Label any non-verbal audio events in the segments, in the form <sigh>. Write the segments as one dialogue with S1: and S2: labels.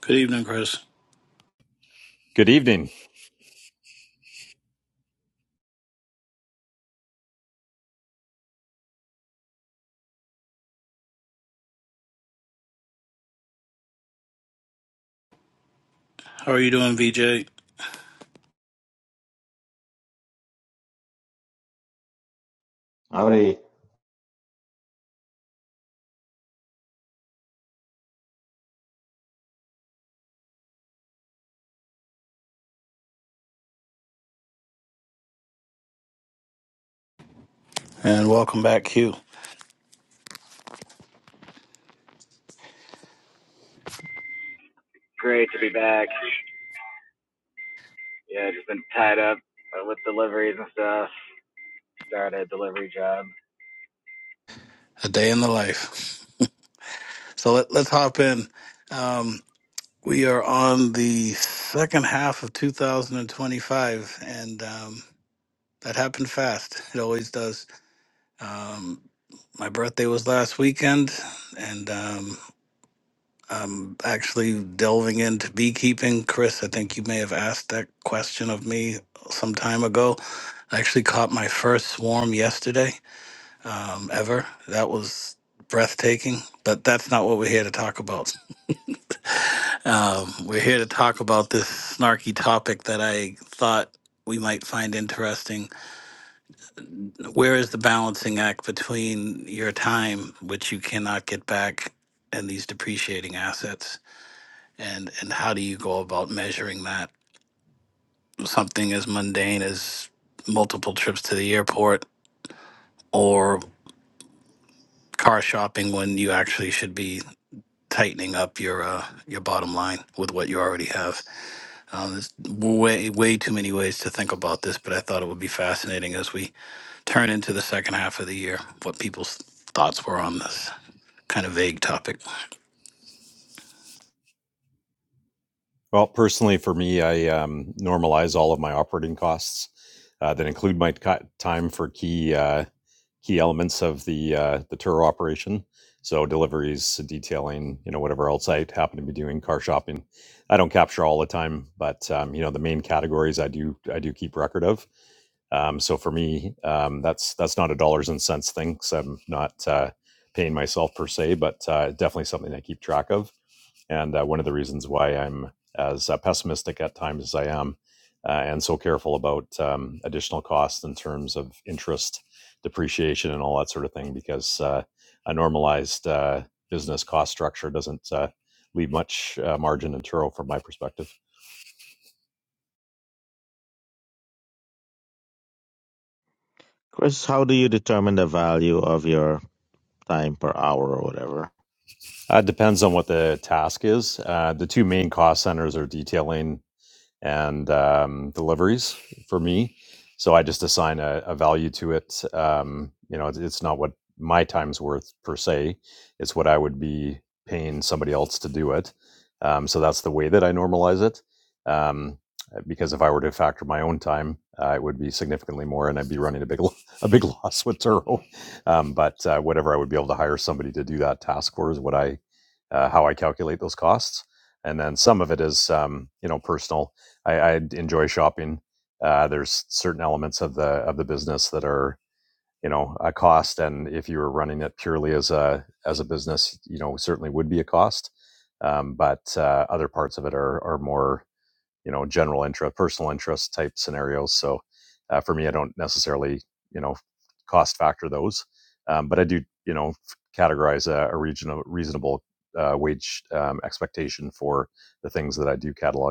S1: Good evening, Chris.
S2: Good evening.
S1: How are you doing, VJ?
S3: Howdy.
S1: And welcome back, Q.
S4: Great to be back. Yeah, just been tied up uh, with deliveries and stuff. Started a delivery job.
S1: A day in the life. So let, let's hop in. Um, we are on the second half of 2025, and um, that happened fast. It always does. Um, my birthday was last weekend, and um, I'm actually delving into beekeeping. Chris, I think you may have asked that question of me some time ago. I actually caught my first swarm yesterday um, ever. That was breathtaking, but that's not what we're here to talk about. Um, we're here to talk about this snarky topic that I thought we might find interesting. Where is the balancing act between your time, which you cannot get back, and these depreciating assets? And, and how do you go about measuring that? Something as mundane as multiple trips to the airport or car shopping when you actually should be tightening up your uh, your bottom line with what you already have. Um, there's way way too many ways to think about this, but I thought it would be fascinating as we turn into the second half of the year what people's thoughts were on this kind of vague topic.
S2: Well, personally, for me, I um, normalize all of my operating costs uh, that include my co- time for key uh, key elements of the uh, the tour operation. So deliveries, detailing, you know, whatever else I happen to be doing, car shopping. I don't capture all the time, but um, you know, the main categories I do I do keep record of. Um, so for me, um, that's that's not a dollars and cents thing. i I'm not uh, paying myself per se, but uh, definitely something I keep track of And uh, one of the reasons why I'm as uh, pessimistic at times as I am uh, and so careful about um, additional costs in terms of interest, depreciation, and all that sort of thing, because uh, a normalized uh, business cost structure doesn't uh, leave much uh, margin in Turo from my perspective.
S3: Chris, how do you determine the value of your time per hour or whatever?
S2: Uh, depends on what the task is. Uh, the two main cost centers are detailing and um, deliveries for me. So I just assign a, a value to it. Um, you know, it's, it's not what my time's worth per se. It's what I would be paying somebody else to do it. Um, so that's the way that I normalize it. Um, because if I were to factor my own time, uh, it would be significantly more, and I'd be running a big <laughs> a big loss with Turo. Um, but uh, whatever I would be able to hire somebody to do that task for is what I uh, how I calculate those costs. And then some of it is um, you know personal I, I enjoy shopping. Uh, there's certain elements of the of the business that are you know a cost, and if you were running it purely as a as a business, you know certainly would be a cost. Um, but uh, other parts of it are are more you know general interest, personal interest type scenarios. So uh, for me, I don't necessarily you know cost factor those, um, but I do you know categorize a, a regional reasonable uh, wage um, expectation for the things that I do catalog.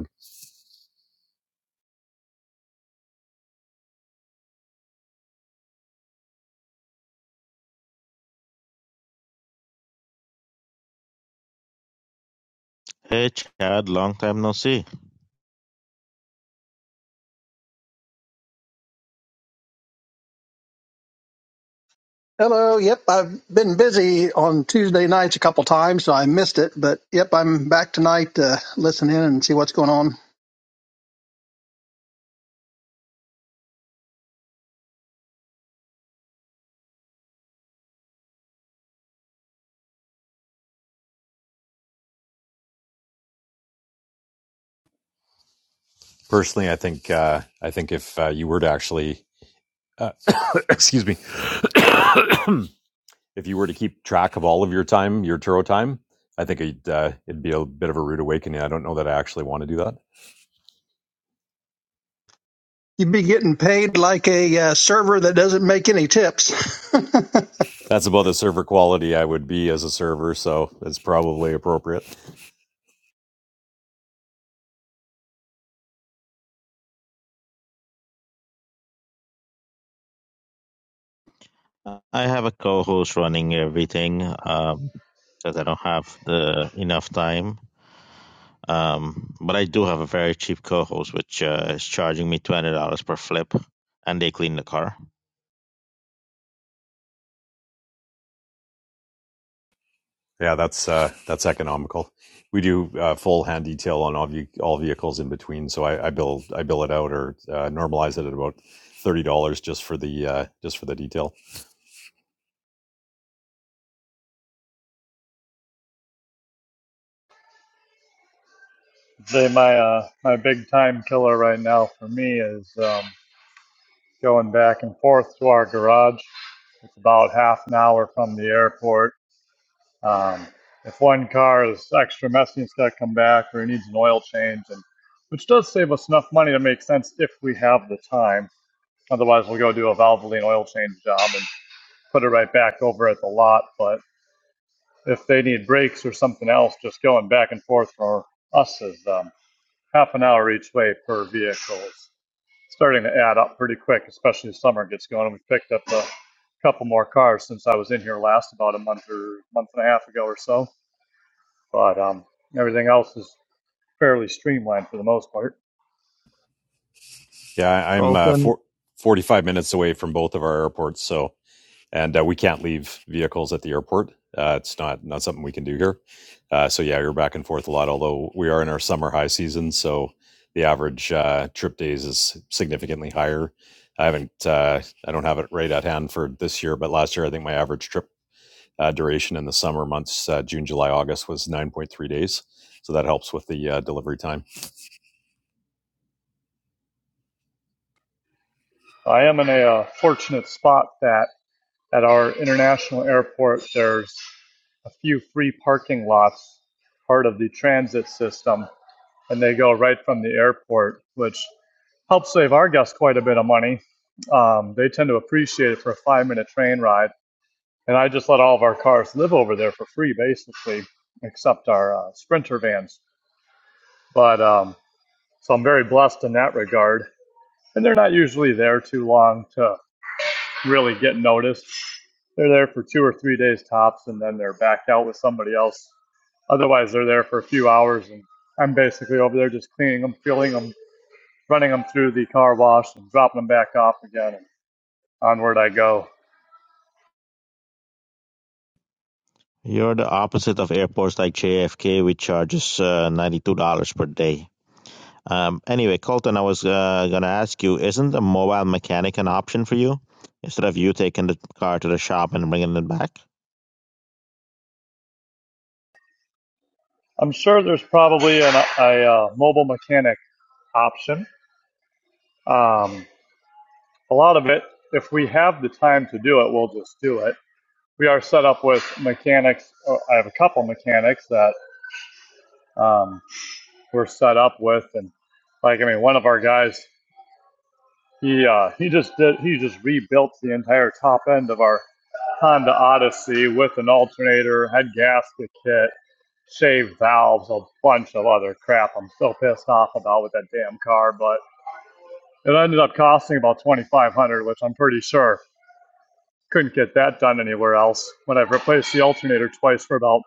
S3: Hey, Chad, long time no see.
S5: Hello. Yep, I've been busy on Tuesday nights a couple times, so I missed it. But yep, I'm back tonight to listen in and see what's going on.
S2: Personally, I think uh, I think if uh, you were to actually, uh, <coughs> excuse me, <coughs> if you were to keep track of all of your time, your Turo time, I think it'd, uh, it'd be a bit of a rude awakening. I don't know that I actually want to do that.
S5: You'd be getting paid like a uh, server that doesn't make any tips. <laughs>
S2: That's about the server quality I would be as a server, so it's probably appropriate.
S3: I have a co host running everything um, because I don't have the enough time. Um, but I do have a very cheap co host, which uh, is charging me $20 per flip, and they clean the car.
S2: Yeah, that's uh, that's economical. We do uh, full hand detail on all, ve- all vehicles in between, so I, I bill I bill it out or uh, normalize it at about thirty dollars just for the uh, just for the detail.
S6: Say my uh, my big time killer right now for me is um, going back and forth to our garage. It's about half an hour from the airport. Um, if one car is extra messy, it's got to come back or it needs an oil change, and which does save us enough money to make sense if we have the time. Otherwise, we'll go do a Valvoline oil change job and put it right back over at the lot. But if they need brakes or something else, just going back and forth for us is um, half an hour each way per vehicle starting to add up pretty quick, especially as summer gets going. We picked up a couple more cars since I was in here last about a month or month and a half ago or so. But um, everything else is fairly streamlined for the most part.
S2: Yeah, I- I'm uh,
S3: Colton,
S2: four, 45 minutes away from both of our airports, so and uh, we can't leave vehicles at the airport. Uh, it's not not something we can do here. Uh, so yeah, you're back and forth a lot. Although we are in our summer high season, so the average uh, trip days is significantly higher. I haven't uh, I don't have it right at hand for this year, but last year I think my average trip uh, duration in the summer months, uh, June, July, August, was 9.3 days. So that helps with the uh, delivery time.
S6: I am in a uh, fortunate spot that at our international airport, there's a few free parking lots, part of the transit system, and they go right from the airport, which helps save our guests quite a bit of money. Um, they tend to appreciate it for a five minute train ride and I just let all of our cars live over there for free, basically, except our uh, Sprinter vans. But um, so I'm very blessed in that regard. And they're not usually there too long to really get noticed. They're there for two or three days tops, and then they're back out with somebody else. Otherwise, they're there for a few hours, and I'm basically over there just cleaning them, filling them, running them through the car wash, and dropping them back off again, and onward I go.
S3: you're the opposite of airports like JFK, which charges uh, $92 per day. Um, anyway, Colton, I was uh, going to ask you, isn't a mobile mechanic an option for you instead of you taking the car to the shop and bringing it back?
S6: I'm sure there's probably an, a, a mobile mechanic option Um, a lot of it, if we have the time to do it, we'll just do it. We are set up with mechanics. uh, I have a couple mechanics that um, we're set up with, and like I mean, one of our guys, he uh, he just did he just rebuilt the entire top end of our Honda Odyssey with an alternator, head gasket kit, shaved valves, a bunch of other crap. I'm still pissed off about with that damn car, but it ended up costing about 2,500, which I'm pretty sure couldn't get that done anywhere else when I've replaced the alternator twice for about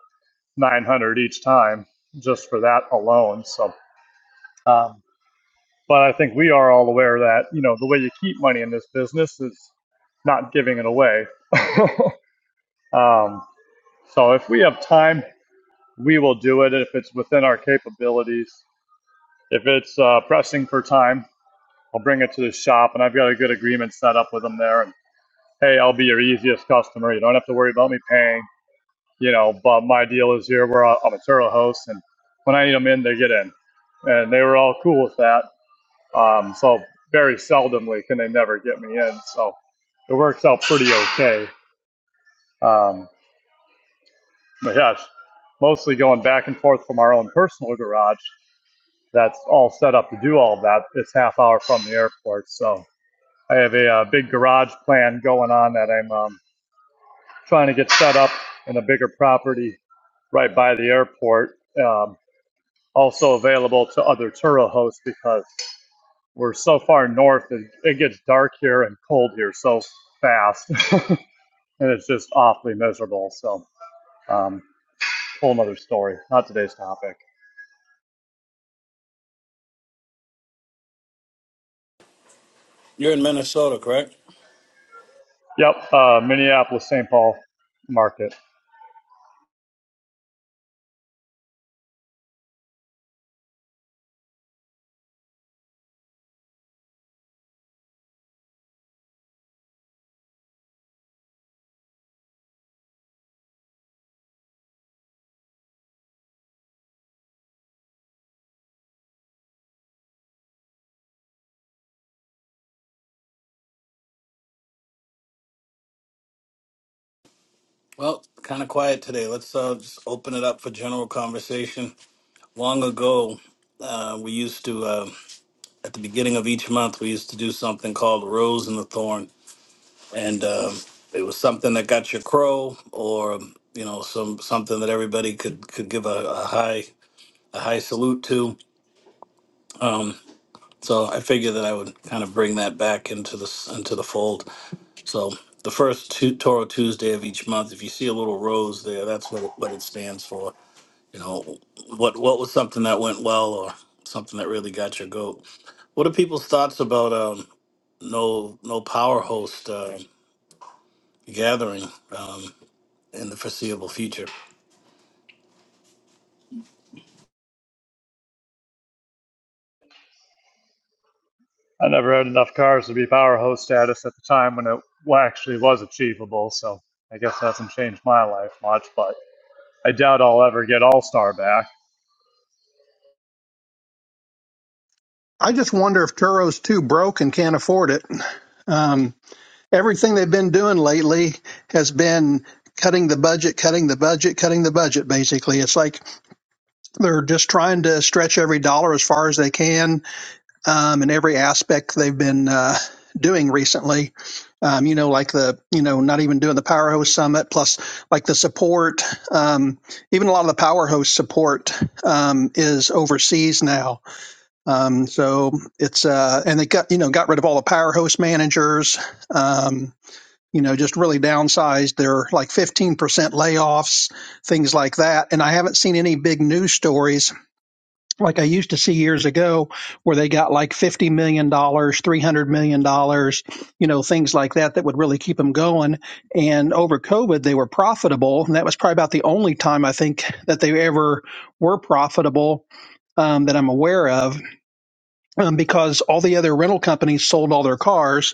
S6: 900 each time just for that alone. So, um, but I think we are all aware that, you know, the way you keep money in this business is not giving it away. <laughs> um, so if we have time, we will do it if it's within our capabilities. If it's uh, pressing for time, I'll bring it to the shop and I've got a good agreement set up with them there. And hey, I'll be your easiest customer. You don't have to worry about me paying you know, but my deal is here we're a- I'm a Turo host, and when I need them in, they get in, and they were all cool with that. Um, so very seldomly can they never get me in, so it works out pretty okay. Um, but yeah, it's mostly going back and forth from our own personal garage that's all set up to do all of that. It's half hour from the airport, so I have a, uh big garage plan going on that I'm um, trying to get set up in a bigger property right by the airport. Um, also available to other Turo hosts because we're so far north and it gets dark here and cold here so fast, <laughs> and it's just awfully miserable. So, um, whole another story. Not today's topic.
S1: You're in Minnesota, correct?
S6: Yep, uh, Minneapolis St. Paul market.
S1: Well, kind of quiet today. Let's uh, just open it up for general conversation. Long ago, uh, we used to, uh, at the beginning of each month, we used to do something called Rose and the Thorn. and um, it was something that got your crow, or you know, some something that everybody could could give a, a high a high salute to. Um, so I figured that I would kind of bring that back into the s- into the fold. So the first Tu- Toro Tuesday of each month, if you see a little rose there, that's what it, what it stands for. You know, what what was something that went well, or something that really got your goat. What are people's thoughts about um, no no power host uh, gathering? Um, in the foreseeable future.
S6: I never had enough cars to be power host status at the time when it actually was achievable. So I guess that hasn't changed my life much, but I doubt I'll ever get All Star back.
S5: I just wonder if Turo's too broke and can't afford it. Um, everything they've been doing lately has been cutting the budget, cutting the budget, cutting the budget. Basically, it's like they're just trying to stretch every dollar as far as they can um, in every aspect they've been uh, doing recently. Um, you know, like the you know not even doing the Power Host Summit, plus like the support. Um, even a lot of the Power Host support um, is overseas now. Um, so it's uh, and they got you know got rid of all the Power Host managers. Um, you know, just really downsized. They're like 15% layoffs, things like that. And I haven't seen any big news stories like I used to see years ago, where they got like fifty million dollars, three hundred million dollars, you know, things like that that would really keep them going. And over COVID, they were profitable, and that was probably about the only time I think that they ever were profitable um, that I'm aware of, um, because all the other rental companies sold all their cars,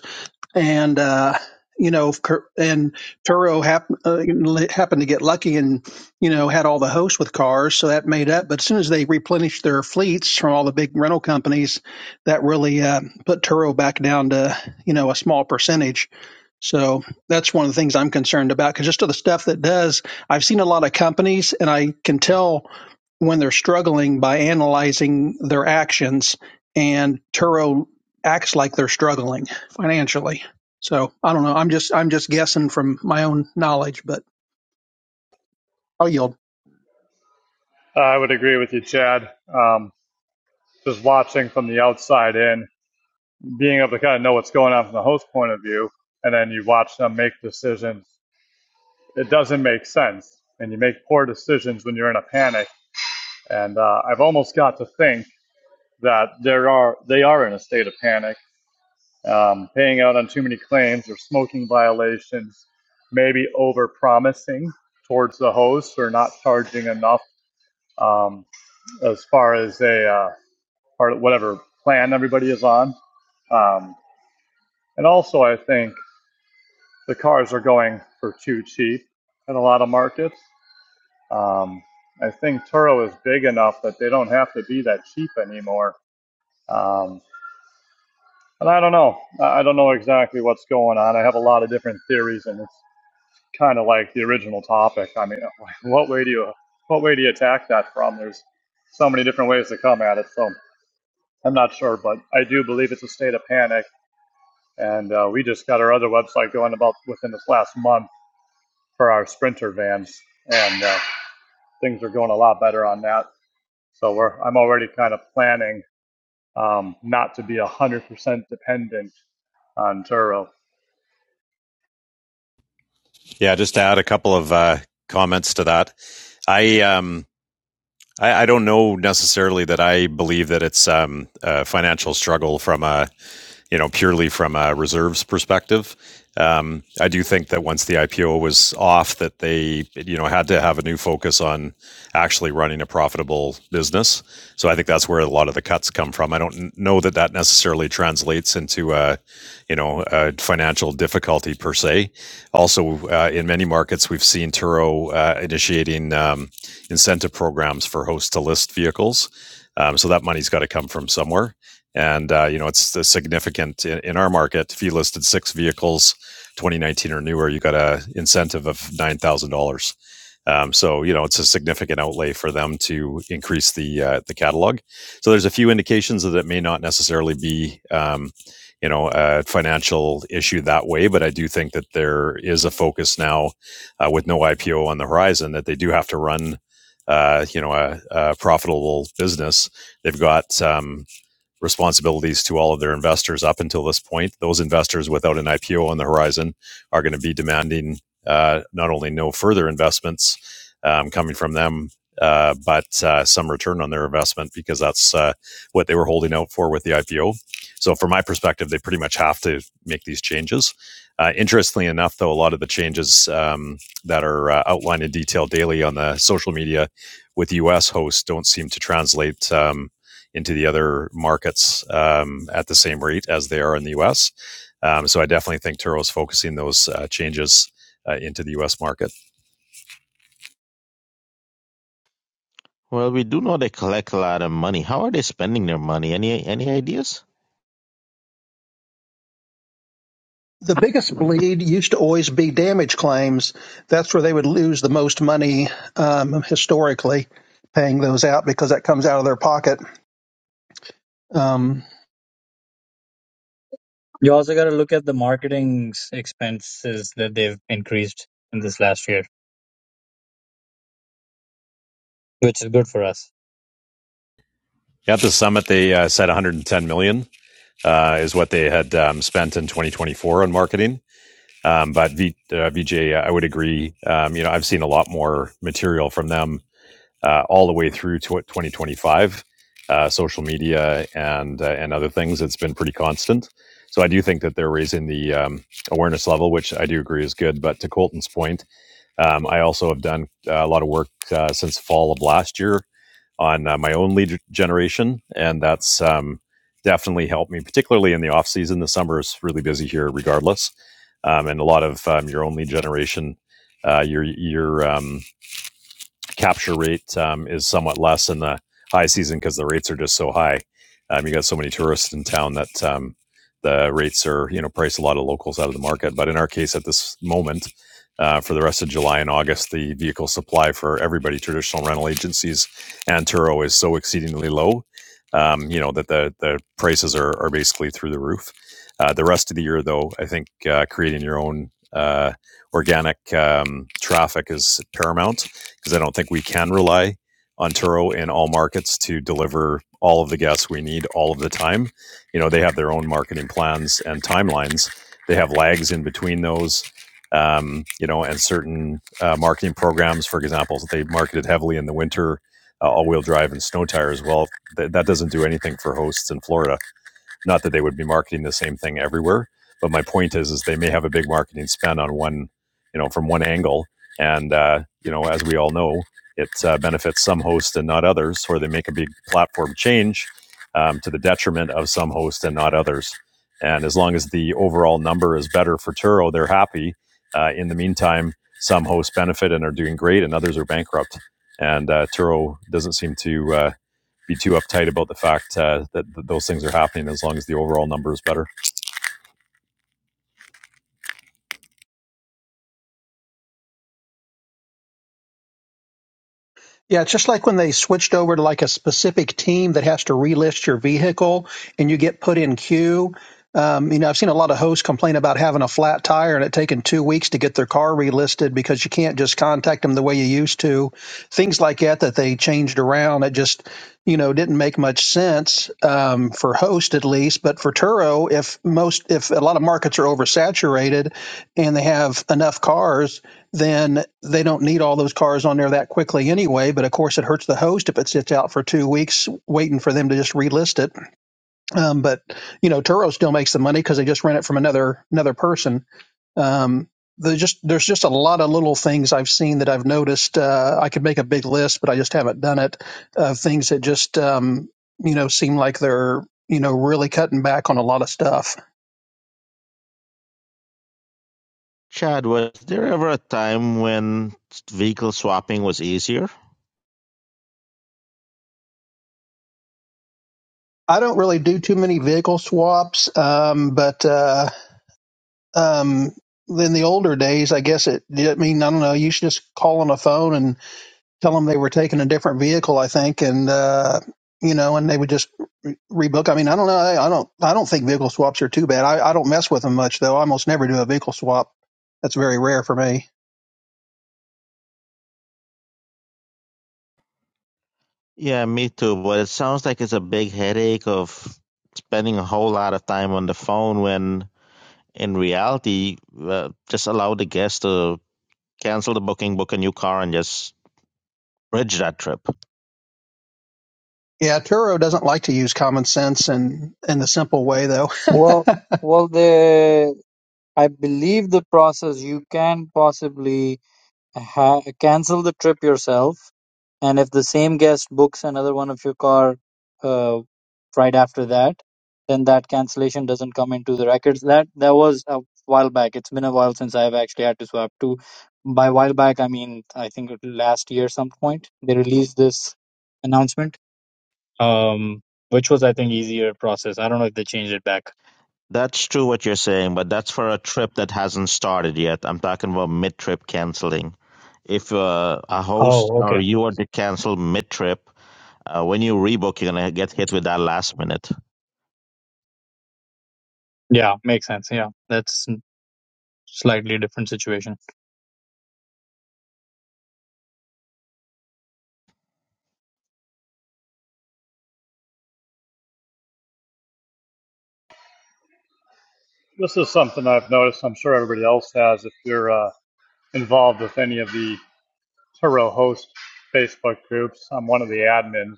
S5: and uh, you know, Cur- and Turo hap- uh, happened to get lucky and you know had all the hosts with cars, so that made up. But as soon as they replenished their fleets from all the big rental companies, that really uh, put Turo back down to you know a small percentage. So that's one of the things I'm concerned about because just of the stuff that does, I've seen a lot of companies, and I can tell when they're struggling by analyzing their actions, and Turo acts like they're struggling financially. So I don't know. I'm just I'm just guessing from my own knowledge, but I'll yield.
S6: I would agree with you, Chad. Um, just watching from the outside in, being able to kind of know what's going on from the host point of view, and then you watch them make decisions. It doesn't make sense, and you make poor decisions when you're in a panic. And uh, I've almost got to think that there are they are in a state of panic, um, paying out on too many claims or smoking violations, maybe over promising towards the host or not charging enough um, as far as a uh, part of whatever plan everybody is on. Um, and also, I think the cars are going for too cheap in a lot of markets. Um, I think Turo is big enough that they don't have to be that cheap anymore. Um, and I don't know. I don't know exactly what's going on. I have a lot of different theories, and it's kind of like the original topic. I mean, <laughs> what way do you what way do you attack that from? There's so many different ways to come at it. So I'm not sure, but I do believe it's a state of panic. And uh, we just got our other website going about within this last month for our sprinter vans. And uh, things are going a lot better on that. So we're I'm already kind of planning um, not to be one hundred percent dependent on Turo.
S2: Yeah, just to add a couple of uh, comments to that, I um, I, I don't know necessarily that I believe that it's um, a financial struggle from a you know, purely from a reserves perspective. Um, I do think that once the IPO was off, that they, you know, had to have a new focus on actually running a profitable business. So I think that's where a lot of the cuts come from. I don't know that that necessarily translates into a, you know, a financial difficulty per se. Also, uh, in many markets, we've seen Turo uh, initiating um, incentive programs for host to list vehicles. Um, so that money's got to come from somewhere. And uh, you know, it's the significant in, in our market. If you listed six vehicles, 2019 or newer, you got a incentive of nine thousand dollars. Um, so you know, it's a significant outlay for them to increase the uh, the catalog. So there's a few indications that it may not necessarily be. Um, you know, a financial issue that way, but I do think that there is a focus now, uh, with no IPO on the horizon, that they do have to run, uh, you know, a, a profitable business. They've got um, responsibilities to all of their investors up until this point. Those investors without an IPO on the horizon are going to be demanding uh, not only no further investments um, coming from them, uh, but uh, some return on their investment because that's uh, what they were holding out for with the IPO. So, from my perspective, they pretty much have to make these changes. Uh, interestingly enough, though, a lot of the changes um, that are uh, outlined in detail daily on the social media with US hosts don't seem to translate. Um, into the other markets um, at the same rate as they are in the U.S. Um, so I definitely think Turo is focusing those uh, changes uh, into the U.S. market.
S3: Well, we do know they collect a lot of money. How are they spending their money? Any any ideas?
S5: The biggest bleed used to always be damage claims. That's where they would lose the most money um, historically, paying those out because that comes out of their pocket. Um,
S7: You also got to look at the marketing s- expenses that they've increased in this last year, which is good for us.
S2: At the summit, they uh, said 110 million dollars uh, is what they had um, spent in 2024 on marketing. Um, but v, uh, VJ, I would agree. Um, you know, I've seen a lot more material from them uh, all the way through to 2025, uh, social media and uh, and other things. It's been pretty constant. So I do think that they're raising the um, awareness level, which I do agree is good. But to Colton's point, um, I also have done uh, a lot of work uh, since fall of last year on uh, my own lead generation, and that's um, definitely helped me, particularly in the off season. The summer is really busy here, regardless, um, and a lot of um, your own lead generation, uh, your your um, capture rate um, is somewhat less in the high season because the rates are just so high. Um, you got so many tourists in town that um, the rates are you know price a lot of locals out of the market. But in our case, at this moment, uh, for the rest of July and August, the vehicle supply for everybody, traditional rental agencies and Turo, is so exceedingly low. Um, you know that the the prices are are basically through the roof. Uh, the rest of the year, though, I think uh, creating your own uh, organic um, traffic is paramount because I don't think we can rely on Turo in all markets to deliver all of the guests we need all of the time. You know, they have their own marketing plans and timelines. They have lags in between those, um, you know, and certain uh, marketing programs. For example, they marketed heavily in the winter, uh, all-wheel drive and snow tires. Well, th- that doesn't do anything for hosts in Florida not that they would be marketing the same thing everywhere, but my point is, is they may have a big marketing spend on one, you know, from one angle, and uh, you know, as we all know, it uh, benefits some hosts and not others, or they make a big platform change um, to the detriment of some hosts and not others. And as long as the overall number is better for Turo, they're happy. Uh, in the meantime, some hosts benefit and are doing great, and others are bankrupt. And uh, Turo doesn't seem to uh, be too uptight about the fact uh, that, that those things are happening as long as the overall number is better.
S5: Yeah, it's just like when they switched over to like a specific team that has to relist your vehicle and you get put in queue. Um, you know, I've seen a lot of hosts complain about having a flat tire and it taking two weeks to get their car relisted because you can't just contact them the way you used to. Things like that that they changed around. It just, you know, didn't make much sense um, for host at least, but for Turo, if most, if a lot of markets are oversaturated and they have enough cars, then they don't need all those cars on there that quickly anyway. But of course, it hurts the host if it sits out for two weeks waiting for them to just relist it. Um, but you know, Turo still makes the money because they just rent it from another another person. Um, there's just there's just a lot of little things I've seen that I've noticed. Uh, I could make a big list, but I just haven't done it. Of things that just um, you know seem like they're you know really cutting back on a lot of stuff.
S3: Chad, was there ever a time when vehicle swapping was easier?
S5: I don't really do too many vehicle swaps, um, but uh, um in the older days i guess it i mean i don't know you should just call on a phone and tell them they were taking a different vehicle i think and uh you know and they would just rebook i mean i don't know i, I don't i don't think vehicle swaps are too bad I, I don't mess with them much though i almost never do a vehicle swap that's very rare for me
S3: Yeah, me too. But it sounds like it's a big headache of spending a whole lot of time on the phone when, in reality, uh, just allow the guest to cancel the booking, book a new car, and just bridge that trip.
S5: yeah turo doesn't like to use common sense and in the simple way though
S7: Well,
S5: <laughs>
S7: well, the I believe the process you can possibly. ha- cancel the trip yourself, and if the same guest books another one of your car uh, right after that, then that cancellation doesn't come into the records. That that was a while back. It's been a while since I've actually had to swap to. By while back, I mean I think last year some point they released this announcement, um, which was I think easier process. I don't know if they changed it back.
S3: That's true what you're saying, but that's for a trip that hasn't started yet. I'm talking about mid trip canceling. If uh, a host
S7: Oh,
S3: or
S7: okay.
S3: you are to cancel mid trip, uh, when you rebook, you're going to get hit with that last minute.
S7: Yeah, makes sense. Yeah, that's slightly different situation.
S6: This is something I've noticed. I'm sure everybody else has. If you're uh, involved with any of the Turo Host Facebook groups, I'm one of the admins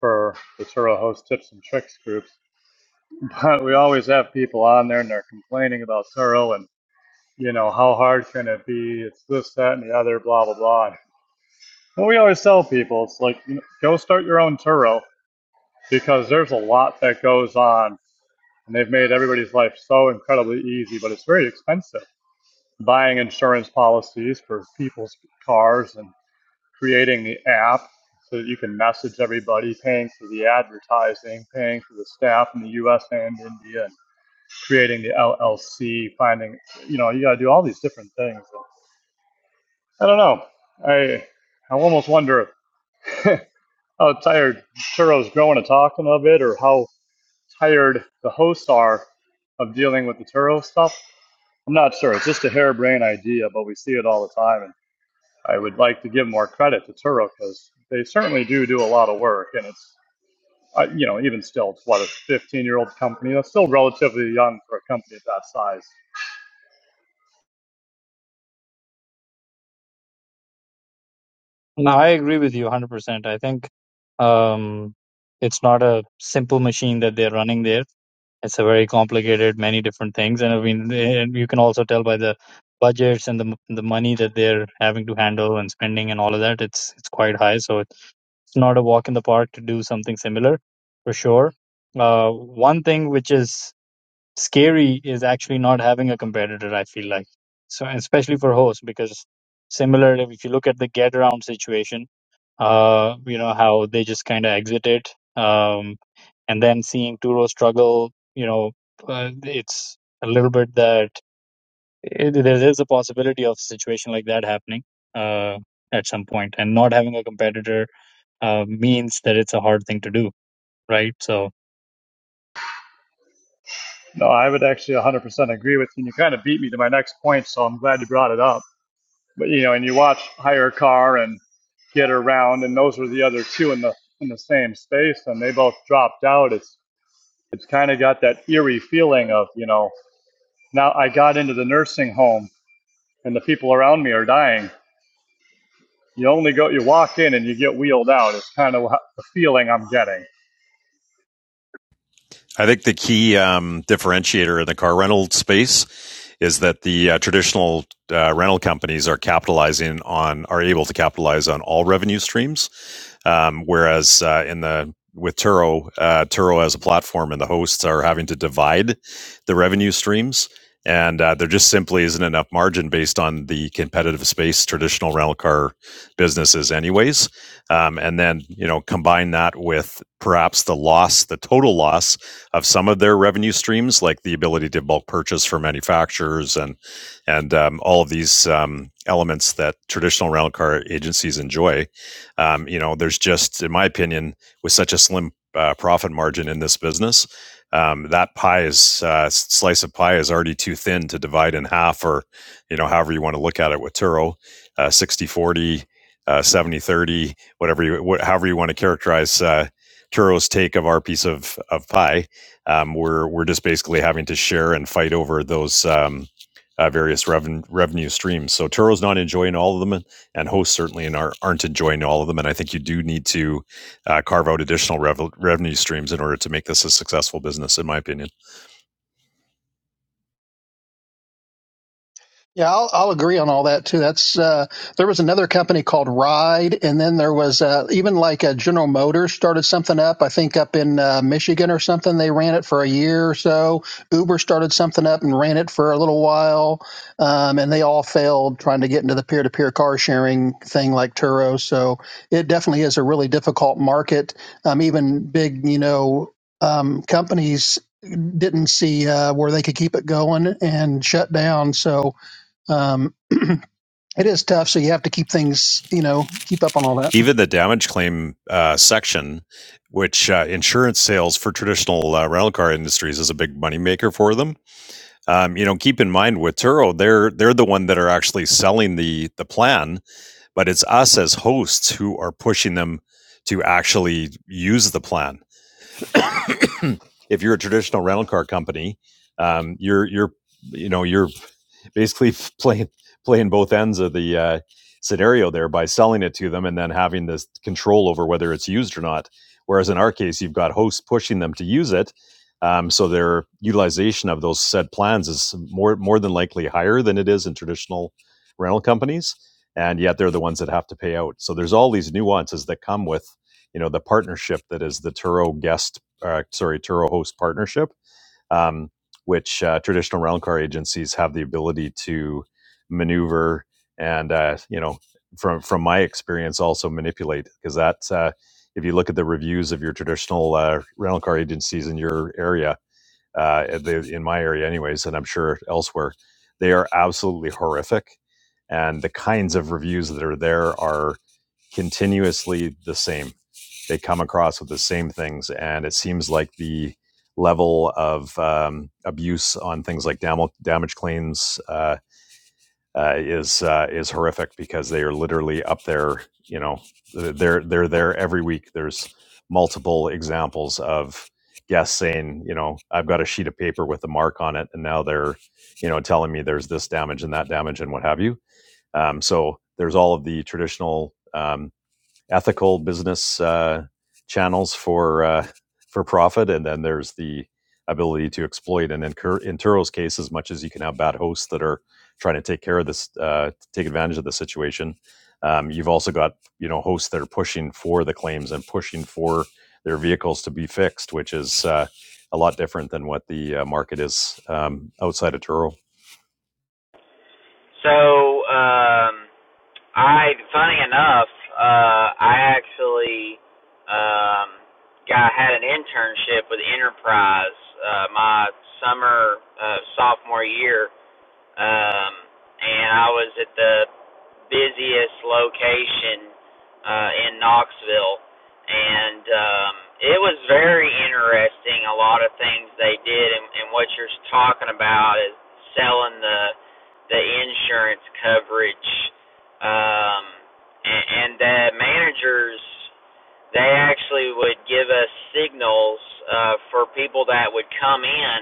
S6: for the Turo Host Tips and Tricks groups. <laughs> But we always have people on there, and they're complaining about Turo and you know how hard can it be? It's this, that, and the other, blah blah blah. Well, we always tell people it's like you know, go start your own Turo because there's a lot that goes on, and they've made everybody's life so incredibly easy, but it's very expensive. Buying insurance policies for people's cars and creating the app so that you can message everybody, paying for the advertising, paying for the staff in the U.S. and India, and creating the LLC, finding you know you got to do all these different things. I don't know. I I almost wonder if <laughs> how tired Turo's growing and talking of it, or how tired the hosts are of dealing with the Turo stuff. I'm not sure. It's just a harebrained idea, but we see it all the time. And I would like to give more credit to Turo because they certainly do do a lot of work. And it's, uh, you know, even still, it's what a 15 year old company. That's still relatively young for a company of that size.
S7: No, I agree with you 100%. I think um, it's not a simple machine that they're running there. It's a very complicated, many different things, and I mean, they- and you can also tell by the budgets and the m- the money that they're having to handle and spending and all of that. It's it's quite high, so it's not a walk in the park to do something similar, for sure. Uh, one thing which is scary is actually not having a competitor. I feel like so, and especially for hosts, because similar if you look at the get around situation uh, you know, how they just kind of exit it. Um, and then seeing Turo struggle, you know, uh, it's a little bit that it, there is a possibility of a situation like that happening uh, at some point. And not having a competitor uh, means that it's a hard thing to do, right? So,
S6: No, I would actually 100% agree with you. And you kind of beat me to my next point, so I'm glad you brought it up. But you know, and you watch hire a car and get around, and those are the other two in the in the same space, and they both dropped out. It's it's kind of got that eerie feeling of you know now I got into the nursing home and the people around me are dying. You only go you walk in and you get wheeled out. It's kind of the feeling I'm getting.
S2: I think the key um, differentiator in the car rental space is that the uh, traditional uh, rental companies are capitalizing on are able to capitalize on all revenue streams Um, whereas uh, in the with Turo, uh, Turo as a platform and the hosts are having to divide the revenue streams, and uh, there just simply isn't enough margin based on the competitive space traditional rental car businesses, anyways. Um, and then you know combine that with perhaps the loss, the total loss of some of their revenue streams, like the ability to bulk purchase for manufacturers and and um, all of these um, elements that traditional rental car agencies enjoy um, you know, there's just, in my opinion, with such a slim uh, profit margin in this business, um, that pie is uh, slice of pie is already too thin to divide in half, or you know, however you want to look at it with Turo, uh, 60 forty, uh, 70 thirty, whatever you, wh- however you want to characterize uh, Turo's take of our piece of, of pie. Um, we're, we're just basically having to share and fight over those um, uh, various reven- revenue streams. So Turo's not enjoying all of them and hosts certainly are, aren't enjoying all of them. And I think you do need to uh, carve out additional rev- revenue streams in order to make this a successful business, in my opinion.
S5: Yeah, I'll, I'll agree on all that too. That's uh, there was another company called Ride, and then there was uh, even like a General Motors started something up. I think up in uh, Michigan or something. They ran it for a year or so. Uber started something up and ran it for a little while, um, and they all failed trying to get into the peer-to-peer car sharing thing like Turo. So it definitely is a really difficult market. Um, even big, you know, um, companies didn't see uh, where they could keep it going and shut down. So um, <clears throat> it is tough, so you have to keep things, you know, keep up on all that.
S2: Even the damage claim uh, section, which uh, insurance sales for traditional uh, rental car industries is a big moneymaker for them, Um, you know, keep in mind with Turo, they're they're the one that are actually selling the the plan, but it's us as hosts who are pushing them to actually use the plan. If you're a traditional rental car company, um, you're you're you know you're basically <laughs> playing playing both ends of the uh, scenario there by selling it to them and then having this control over whether it's used or not. Whereas in our case, you've got hosts pushing them to use it, um, so their utilization of those said plans is more more than likely higher than it is in traditional rental companies, and yet they're the ones that have to pay out. So there's all these nuances that come with you know the partnership that is the Turo guest, uh, sorry Turo host partnership um, which uh, traditional rental car agencies have the ability to maneuver and uh, you know from from my experience also manipulate because that's uh, if you look at the reviews of your traditional uh, rental car agencies in your area uh, at in my area anyways and i'm sure elsewhere they are absolutely horrific and the kinds of reviews that are there are continuously the same they come across with the same things, and it seems like the level of um, abuse on things like dam- damage claims uh, uh, is uh, is horrific because they are literally up there. You know, they're they're there every week. There's multiple examples of guests saying, you know, I've got a sheet of paper with a mark on it, and now they're, you know, telling me there's this damage and that damage and what have you. Um, so there's all of the traditional. Um, ethical business uh, channels for uh, for profit, and then there's the ability to exploit. And in, in Turo's case, as much as you can have bad hosts that are trying to take care of this, uh, take advantage of the situation, um, you've also got you know hosts that are pushing for the claims and pushing for their vehicles to be fixed, which is uh, a lot different than what the uh, market is um, outside of Turo.
S8: So, um, I, funny enough, uh, I actually, um, got, had an internship with Enterprise, uh, my summer, uh, sophomore year um, and I was at the busiest location uh, in Knoxville, and um, it was very interesting. A lot of things they did, and, and what you're talking about is selling the the insurance coverage, um, and, and the managers they actually would give us signals uh, for people that would come in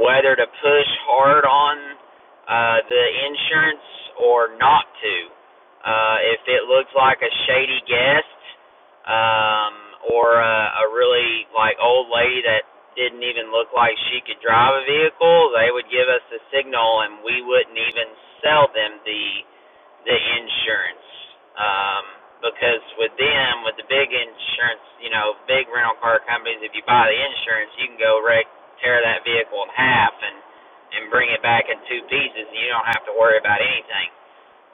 S8: whether to push hard on uh, the insurance or not to. Uh, if it looks like a shady guest um, or a, a really like old lady that didn't even look like she could drive a vehicle, they would give us the signal and we wouldn't even sell them the the insurance. Um, because with them, with the big insurance, you know, big rental car companies, if you buy the insurance, you can go wreck, tear that vehicle in half, and and bring it back in two pieces, and you don't have to worry about anything.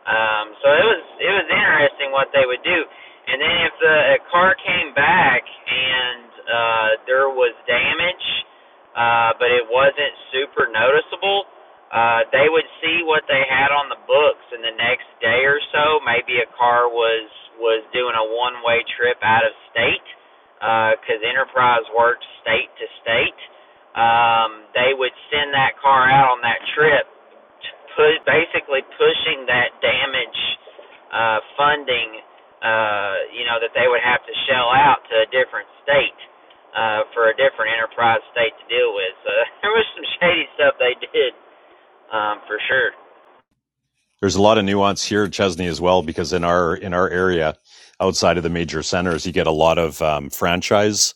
S8: Um, so it was it was interesting what they would do. And then if the a car came back and uh, there was damage, uh, but it wasn't super noticeable, uh, they would see what they had on the books, and the next day or so, maybe a car was was doing a one way trip out of state because uh, Enterprise worked state to state. Um, they would send that car out on that trip pu- basically pushing that damage uh, funding, uh, you know, that they would have to shell out to a different state uh, for a different enterprise state to deal with. So <laughs> there was some shady stuff they did um, for sure.
S2: there's a lot of nuance here at Chesney as well because in our in our area, outside of the major centers, you get a lot of um, franchise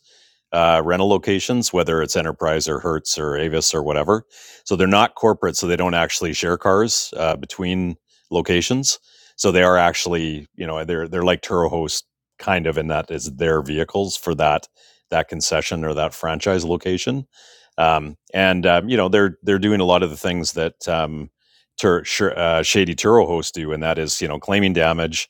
S2: uh, rental locations, whether it's Enterprise or Hertz or Avis or whatever. So they're not corporate, so they don't actually share cars uh, between locations. So they are actually, you know, they're they're like Turo Host kind of in that is their vehicles for that that concession or that franchise location. Um, and um, you know they're they're doing a lot of the things that um, Tur- Shur- uh, Shady Turo hosts do, and that is you know claiming damage,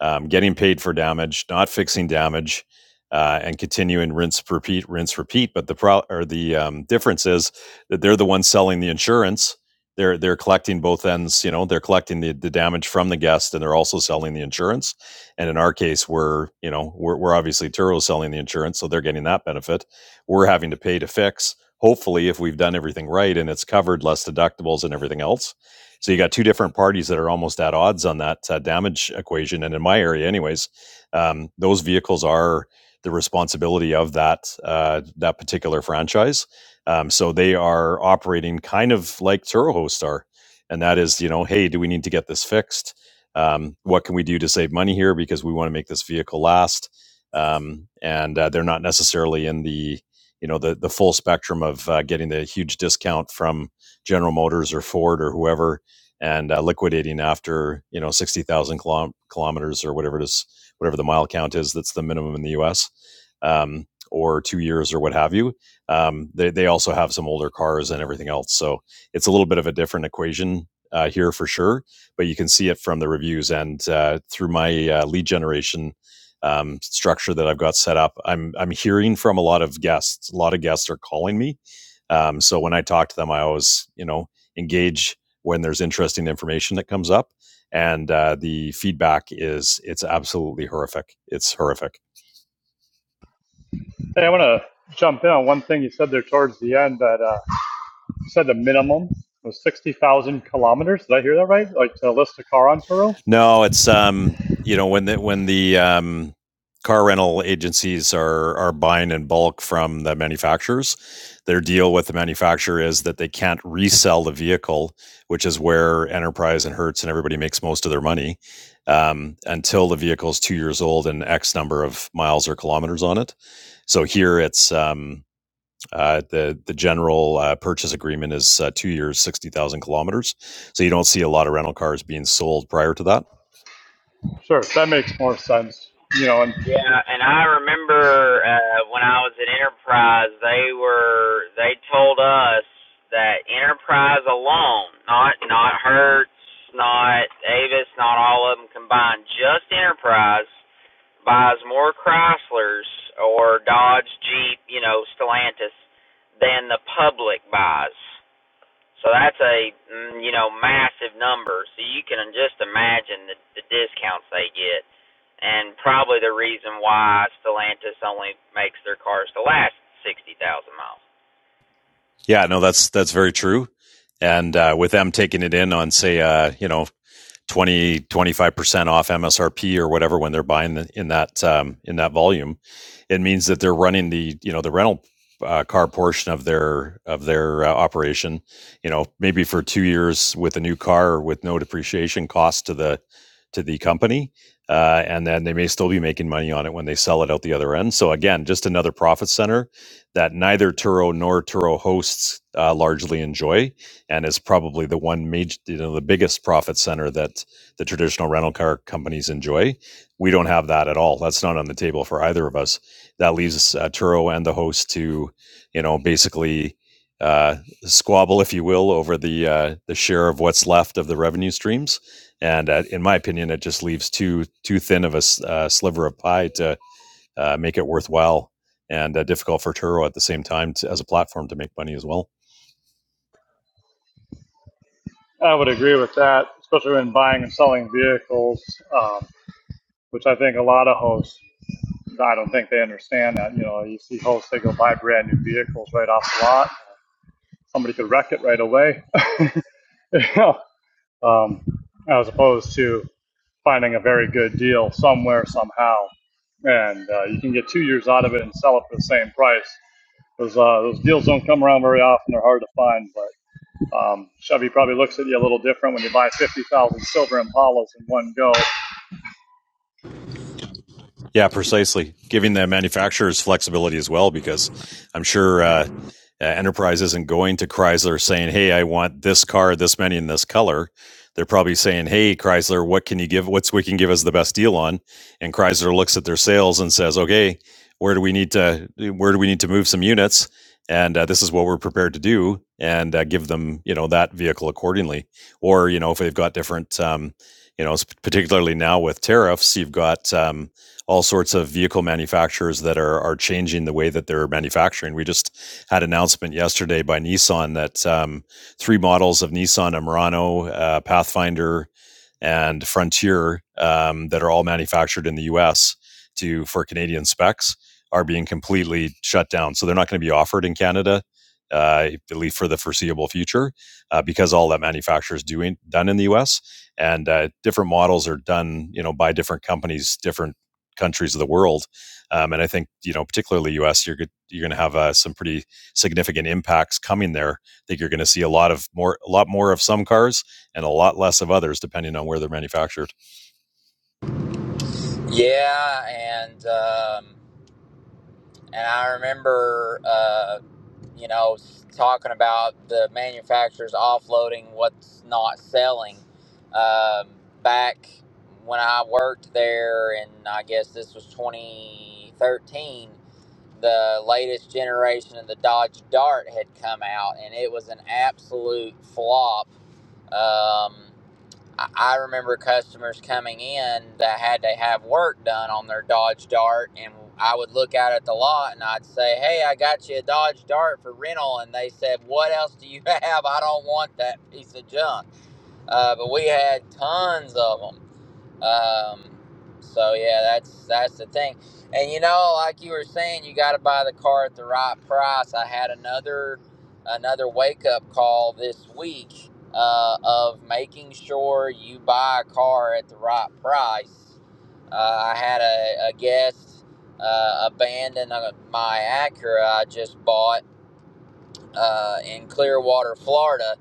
S2: um, getting paid for damage, not fixing damage, uh, and continuing rinse repeat, rinse repeat. But the pro- or the um, difference is that they're the ones selling the insurance. They're they're collecting both ends. You know, they're collecting the, the damage from the guest, and they're also selling the insurance. And in our case, we're you know we're we're obviously Turo selling the insurance, so they're getting that benefit. We're having to pay to fix. Hopefully, if we've done everything right and it's covered, less deductibles and everything else, so you got two different parties that are almost at odds on that uh, damage equation. And in my area, anyways, um, those vehicles are the responsibility of that uh, that particular franchise. Um, so they are operating kind of like Turo Host are, and that is, you know, hey, do we need to get this fixed? Um, what can we do to save money here because we want to make this vehicle last? Um, and uh, they're not necessarily in the you know the the full spectrum of uh, getting the huge discount from General Motors or Ford or whoever and uh, liquidating after you know sixty thousand kilom- kilometers or whatever it is, whatever the mile count is. That's the minimum in the U.S. Um, or two years or what have you. Um, they they also have some older cars and everything else, so it's a little bit of a different equation. Uh, here for sure, but you can see it from the reviews and uh, through my uh, lead generation um, structure that I've got set up. I'm I'm hearing from a lot of guests. A lot of guests are calling me, um, so when I talk to them, I always you know engage when there's interesting information that comes up, and uh, the feedback is it's absolutely horrific. It's horrific.
S6: Hey, I want to jump in on one thing you said there towards the end that uh, you said the minimum was 60,000 kilometers. Did I hear that right? Like to list a car on Turo?
S2: No, it's um, you know, when the when the um, car rental agencies are are buying in bulk from the manufacturers, their deal with the manufacturer is that they can't resell the vehicle, which is where Enterprise and Hertz and everybody makes most of their money, um, until the vehicle is two years old and X number of miles or kilometers on it. So here it's um, uh, the the general uh, purchase agreement is uh, two years, sixty thousand kilometers. So you don't see a lot of rental cars being sold prior to that.
S6: Sure, that makes more sense. You know, and
S8: Yeah, and I remember uh, when I was at Enterprise, they were they told us that Enterprise alone, not not Hertz, not Avis, not all of them combined, just Enterprise buys more Chryslers or Dodge, Jeep, you know, Stellantis than the public buys. So that's a mm, you know massive number. So you can just imagine the, the discounts they get, and probably the reason why Stellantis only makes their cars to last sixty thousand miles.
S2: Yeah, no, that's that's very true. And uh, with them taking it in on say, uh, you know, twenty twenty five percent off MSRP or whatever when they're buying the, in that um, in that volume, it means that they're running the, you know, the rental uh, car portion of their of their uh, operation, you know, maybe for 2 years with a new car with no depreciation cost to the to the company. Uh, and then they may still be making money on it when they sell it out the other end. So again, just another profit center that neither Turo nor Turo hosts uh, largely enjoy, and is probably the one major, you know, the biggest profit center that the traditional rental car companies enjoy. We don't have that at all. That's not on the table for either of us. That leaves uh, Turo and the host to, you know, basically uh, squabble, if you will, over the uh, the share of what's left of the revenue streams. And uh, in my opinion, it just leaves too too thin of a uh, sliver of pie to uh, make it worthwhile and uh, difficult for Turo at the same time to, as a platform to make money as well.
S6: I would agree with that, especially when buying and selling vehicles, um, which I think a lot of hosts, I don't think they understand that. You know, you see hosts, they go buy brand new vehicles right off the lot. Somebody could wreck it right away, <laughs> you know, um, as opposed to finding a very good deal somewhere, somehow. And uh, you can get two years out of it and sell it for the same price. Those, uh, those deals don't come around very often. They're hard to find, but. Um, Chevy probably looks at you a little different when you buy 50,000 silver Impalas in one go.
S2: Yeah, precisely. Giving the manufacturers flexibility as well, because I'm sure uh, uh, Enterprise isn't going to Chrysler saying, "Hey, I want this car, this many, in this color." They're probably saying, "Hey, Chrysler, what can you give? What's we can give us the best deal on?" And Chrysler looks at their sales and says, "Okay, where do we need to where do we need to move some units?" And uh, this is what we're prepared to do, and uh, give them you know that vehicle accordingly. Or you know if they've got different, um, you know, particularly now with tariffs, you've got um, all sorts of vehicle manufacturers that are are changing the way that they're manufacturing. We just had an announcement yesterday by Nissan that um, three models of Nissan: a Murano, uh, Pathfinder, and Frontier, um, that are all manufactured in the U.S. to for Canadian specs, are being completely shut down. So they're not going to be offered in Canada. Uh, I believe for the foreseeable future, uh, because all that manufacture is doing done in the U.S. and uh, different models are done, you know, by different companies, different countries of the world. Um, and I think you know, particularly U.S., you're you're going to have uh, some pretty significant impacts coming there. I think you're going to see a lot of more, a lot more of some cars, and a lot less of others, depending on where they're manufactured.
S8: Yeah, and um, and I remember. uh, you know, talking about the manufacturers offloading what's not selling. Um, back when I worked there, and I guess this was 2013, the latest generation of the Dodge Dart had come out, and it was an absolute flop. Um, I I remember customers coming in that had to have work done on their Dodge Dart, and I would look out at the lot and I'd say, "Hey, I got you a Dodge Dart for rental," and they said, "What else do you <laughs> have? I don't want that piece of junk." Uh, but we had tons of them. Um, so yeah, that's that's the thing. And you know, like you were saying, you got to buy the car at the right price. I had another another wake up call this week uh, of making sure you buy a car at the right price. Uh, I had a, a guest uh, abandon uh, my Acura I just bought uh, in Clearwater, Florida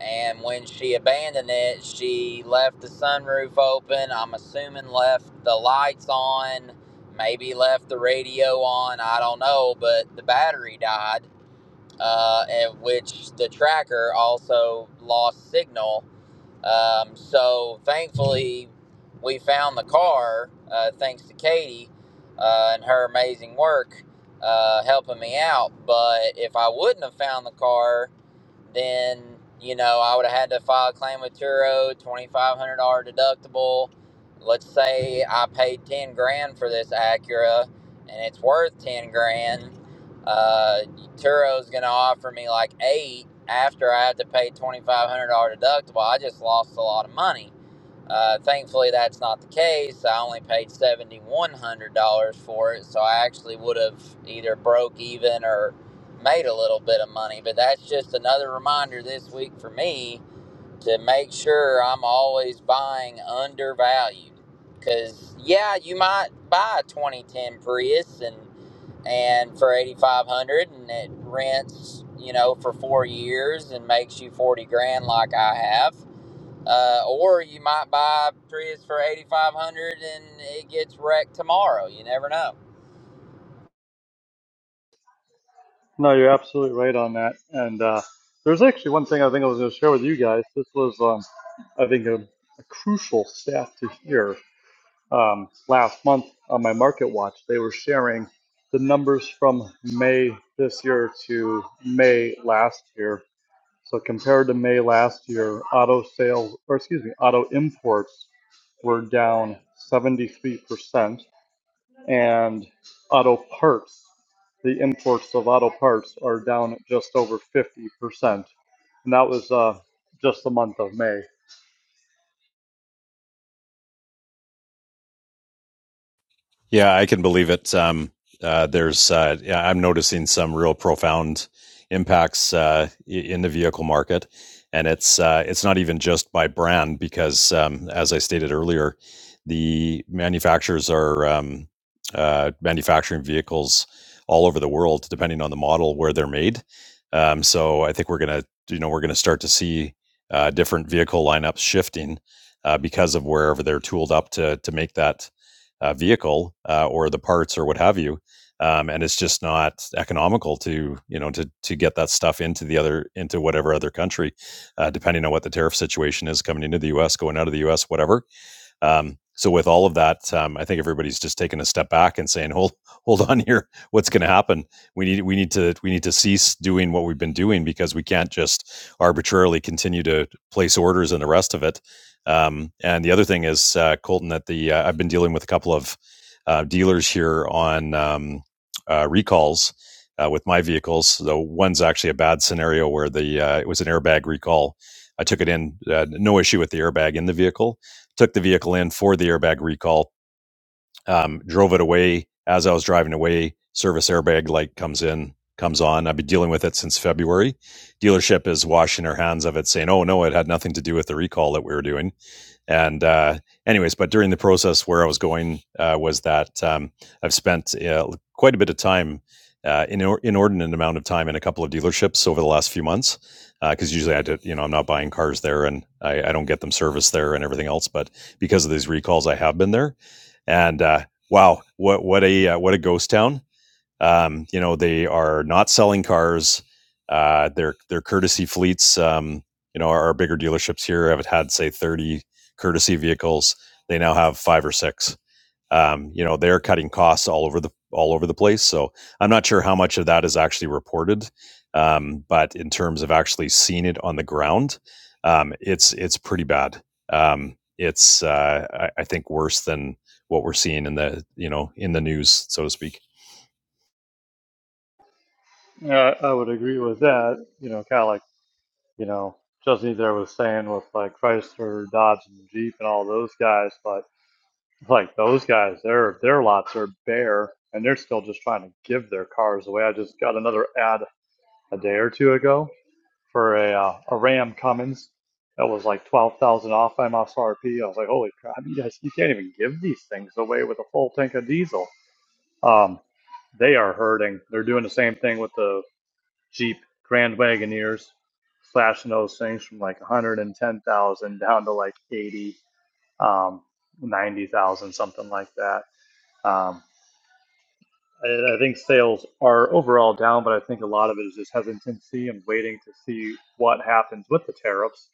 S8: and when she abandoned it, she left the sunroof open. I'm assuming left the lights on, maybe left the radio on. I don't know, but the battery died, uh, at which the tracker also lost signal. Um, so thankfully, we found the car uh, thanks to Katie uh, and her amazing work uh, helping me out. But if I wouldn't have found the car, then you know I would have had to file a claim with Turo, twenty five hundred dollar deductible. Let's say I paid ten grand for this Acura, and it's worth ten grand. Uh, Turo's going to offer me like eight after I have to pay twenty five hundred dollar deductible. I just lost a lot of money uh, thankfully, that's not the case. I only paid seventy one hundred dollars for it, so I actually would have either broke even or made a little bit of money. But that's just another reminder this week for me to make sure I'm always buying undervalued. Because yeah, you might buy a twenty ten Prius and and for eighty five hundred, and it rents you know for four years and makes you forty grand like I have uh, or you might buy a Prius for eighty five hundred and it gets wrecked tomorrow. You never know.
S6: No, you're absolutely right on that. And uh, there's actually one thing I think I was going to share with you guys. This was, um, I think, a, a crucial stat to hear. Um, last month on my Market Watch, they were sharing the numbers from May this year to May last year. So compared to May last year, auto sales, or excuse me, auto imports were down 73%. and auto parts. The imports of auto parts are down at just over 50%. And that was uh, just the month of May.
S2: Yeah, I can believe it. Um, uh, there's, uh, yeah, I'm noticing some real profound impacts uh, in the vehicle market, and it's uh, it's not even just by brand because, um, as I stated earlier, the manufacturers are um, uh, manufacturing vehicles all over the world, depending on the model where they're made. Um, so I think we're gonna, you know, we're gonna start to see uh, different vehicle lineups shifting uh, because of wherever they're tooled up to to make that uh, vehicle uh, or the parts or what have you. Um, and it's just not economical to you know to to get that stuff into the other into whatever other country, uh, depending on what the tariff situation is coming into the U.S., going out of the U.S., whatever um, so with all of that, um, I think everybody's just taking a step back and saying, "Hold, hold on here. What's going to happen? We need, we need to, we need to cease doing what we've been doing because we can't just arbitrarily continue to place orders and the rest of it." Um, and the other thing is, uh, Colton, that the uh, I've been dealing with a couple of uh, dealers here on um, uh, recalls uh, with my vehicles. The one's actually a bad scenario where the uh, it was an airbag recall. I took it in, uh, no issue with the airbag in the vehicle, took the vehicle in for the airbag recall, um, drove it away. As I was driving away, service airbag light comes in, comes on. I've been dealing with it since February. Dealership is washing their hands of it, saying, oh, no, it had nothing to do with the recall that we were doing and uh, anyways, but during the process, where I was going uh, was that um, I've spent uh, quite a bit of time, uh, in or- inordinate amount of time, in a couple of dealerships over the last few months. Because uh, usually I did, you know, I'm not buying cars there, and I, I don't get them serviced there and everything else. But because of these recalls, I have been there, and uh, wow, what what a uh, what a ghost town! Um, you know, they are not selling cars. Uh, their their courtesy fleets. Um, you know, our, our bigger dealerships here have had say thirty courtesy vehicles. They now have five or six. Um, you know, they're cutting costs all over the all over the place. So I'm not sure how much of that is actually reported, um, but in terms of actually seeing it on the ground, um, it's it's pretty bad. Um, it's uh, I, I think worse than what we're seeing in the you know in the news, so to speak.
S6: Yeah, I would agree with that. You know, kind of like, you know, Justin there was saying with like Chrysler, Dodge, and Jeep and all those guys, but like those guys, their their lots are bare and they're still just trying to give their cars away. I just got another ad a day or two ago for a uh, a Ram Cummins that was like twelve thousand off MSRP. I was like, holy crap, you guys, you can't even give these things away with a full tank of diesel. Um, they are hurting. They're doing the same thing with the Jeep Grand Wagoneers, slashing those things from like 110,000 down to like 80, um, 90,000, something like that. Um, I, I think sales are overall down, but I think a lot of it is just hesitancy and waiting to see what happens with the tariffs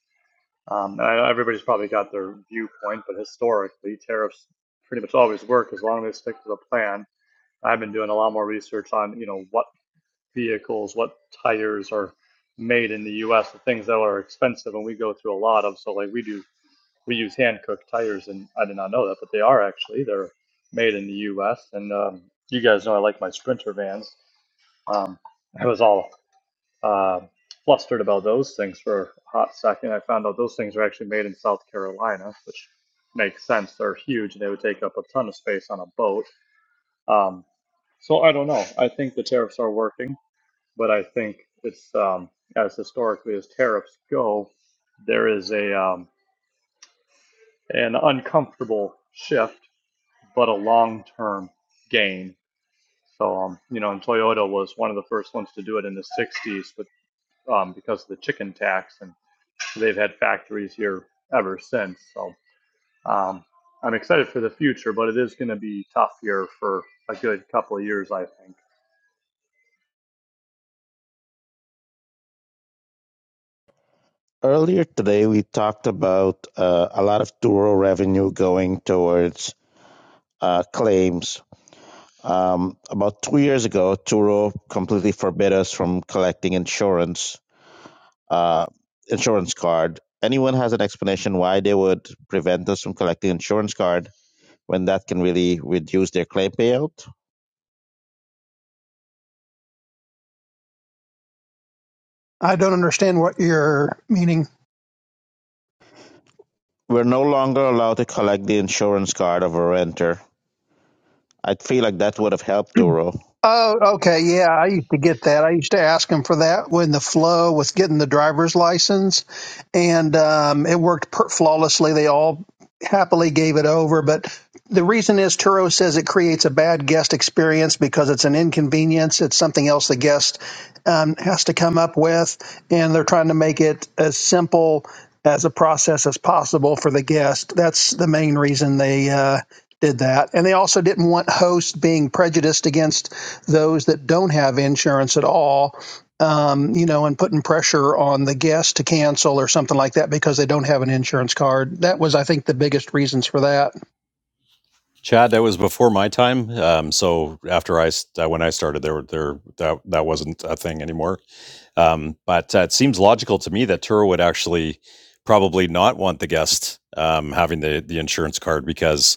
S6: Um, and I know everybody's probably got their viewpoint, but historically, tariffs pretty much always work as long as they stick to the plan. I've been doing a lot more research on, you know, what vehicles, what tires are made in the U.S., the things that are expensive, and we go through a lot of. So, like, we do, we use hand cooked tires, and I did not know that, but they are actually they're made in the U.S. And um, you guys know I like my Sprinter vans. Um, it was all uh, flustered about those things for a hot second. I found out those things are actually made in South Carolina, which makes sense. They're huge and they would take up a ton of space on a boat. Um, so I don't know. I think the tariffs are working, but I think it's um, as historically as tariffs go, there is a um, an uncomfortable shift, but a long term gain. So um, you know, and Toyota was one of the first ones to do it in the '60s with um, because of the chicken tax and they've had factories here ever since. So um, I'm excited for the future, but it is going to be tough here for a good couple of years, I think.
S3: Earlier today, we talked about uh, a lot of tour revenue going towards uh, claims. Um, about two years ago, Turo completely forbid us from collecting insurance uh, insurance card. Anyone has an explanation why they would prevent us from collecting insurance card when that can really reduce their claim payout?
S5: I don't understand what you're meaning
S3: We're no longer allowed to collect the insurance card of a renter. I feel like that would have helped Turo.
S5: Oh, okay. Yeah, I used to get that. I used to ask them for that when the flow was getting the driver's license, and um, it worked per- flawlessly. They all happily gave it over. But the reason is Turo says it creates a bad guest experience because it's an inconvenience. It's something else the guest um, has to come up with, and they're trying to make it as simple as a process as possible for the guest. That's the main reason they uh, did that. And they also didn't want hosts being prejudiced against those that don't have insurance at all, um, you know, and putting pressure on the guest to cancel or something like that because they don't have an insurance card. That was, I think, the biggest reasons for that.
S2: Chad, that was before my time. Um, so after I, s- uh, when I started, there, were- there, that that wasn't a thing anymore. Um, but uh, it seems logical to me that Turo would actually probably not want the guest um, having the the insurance card because,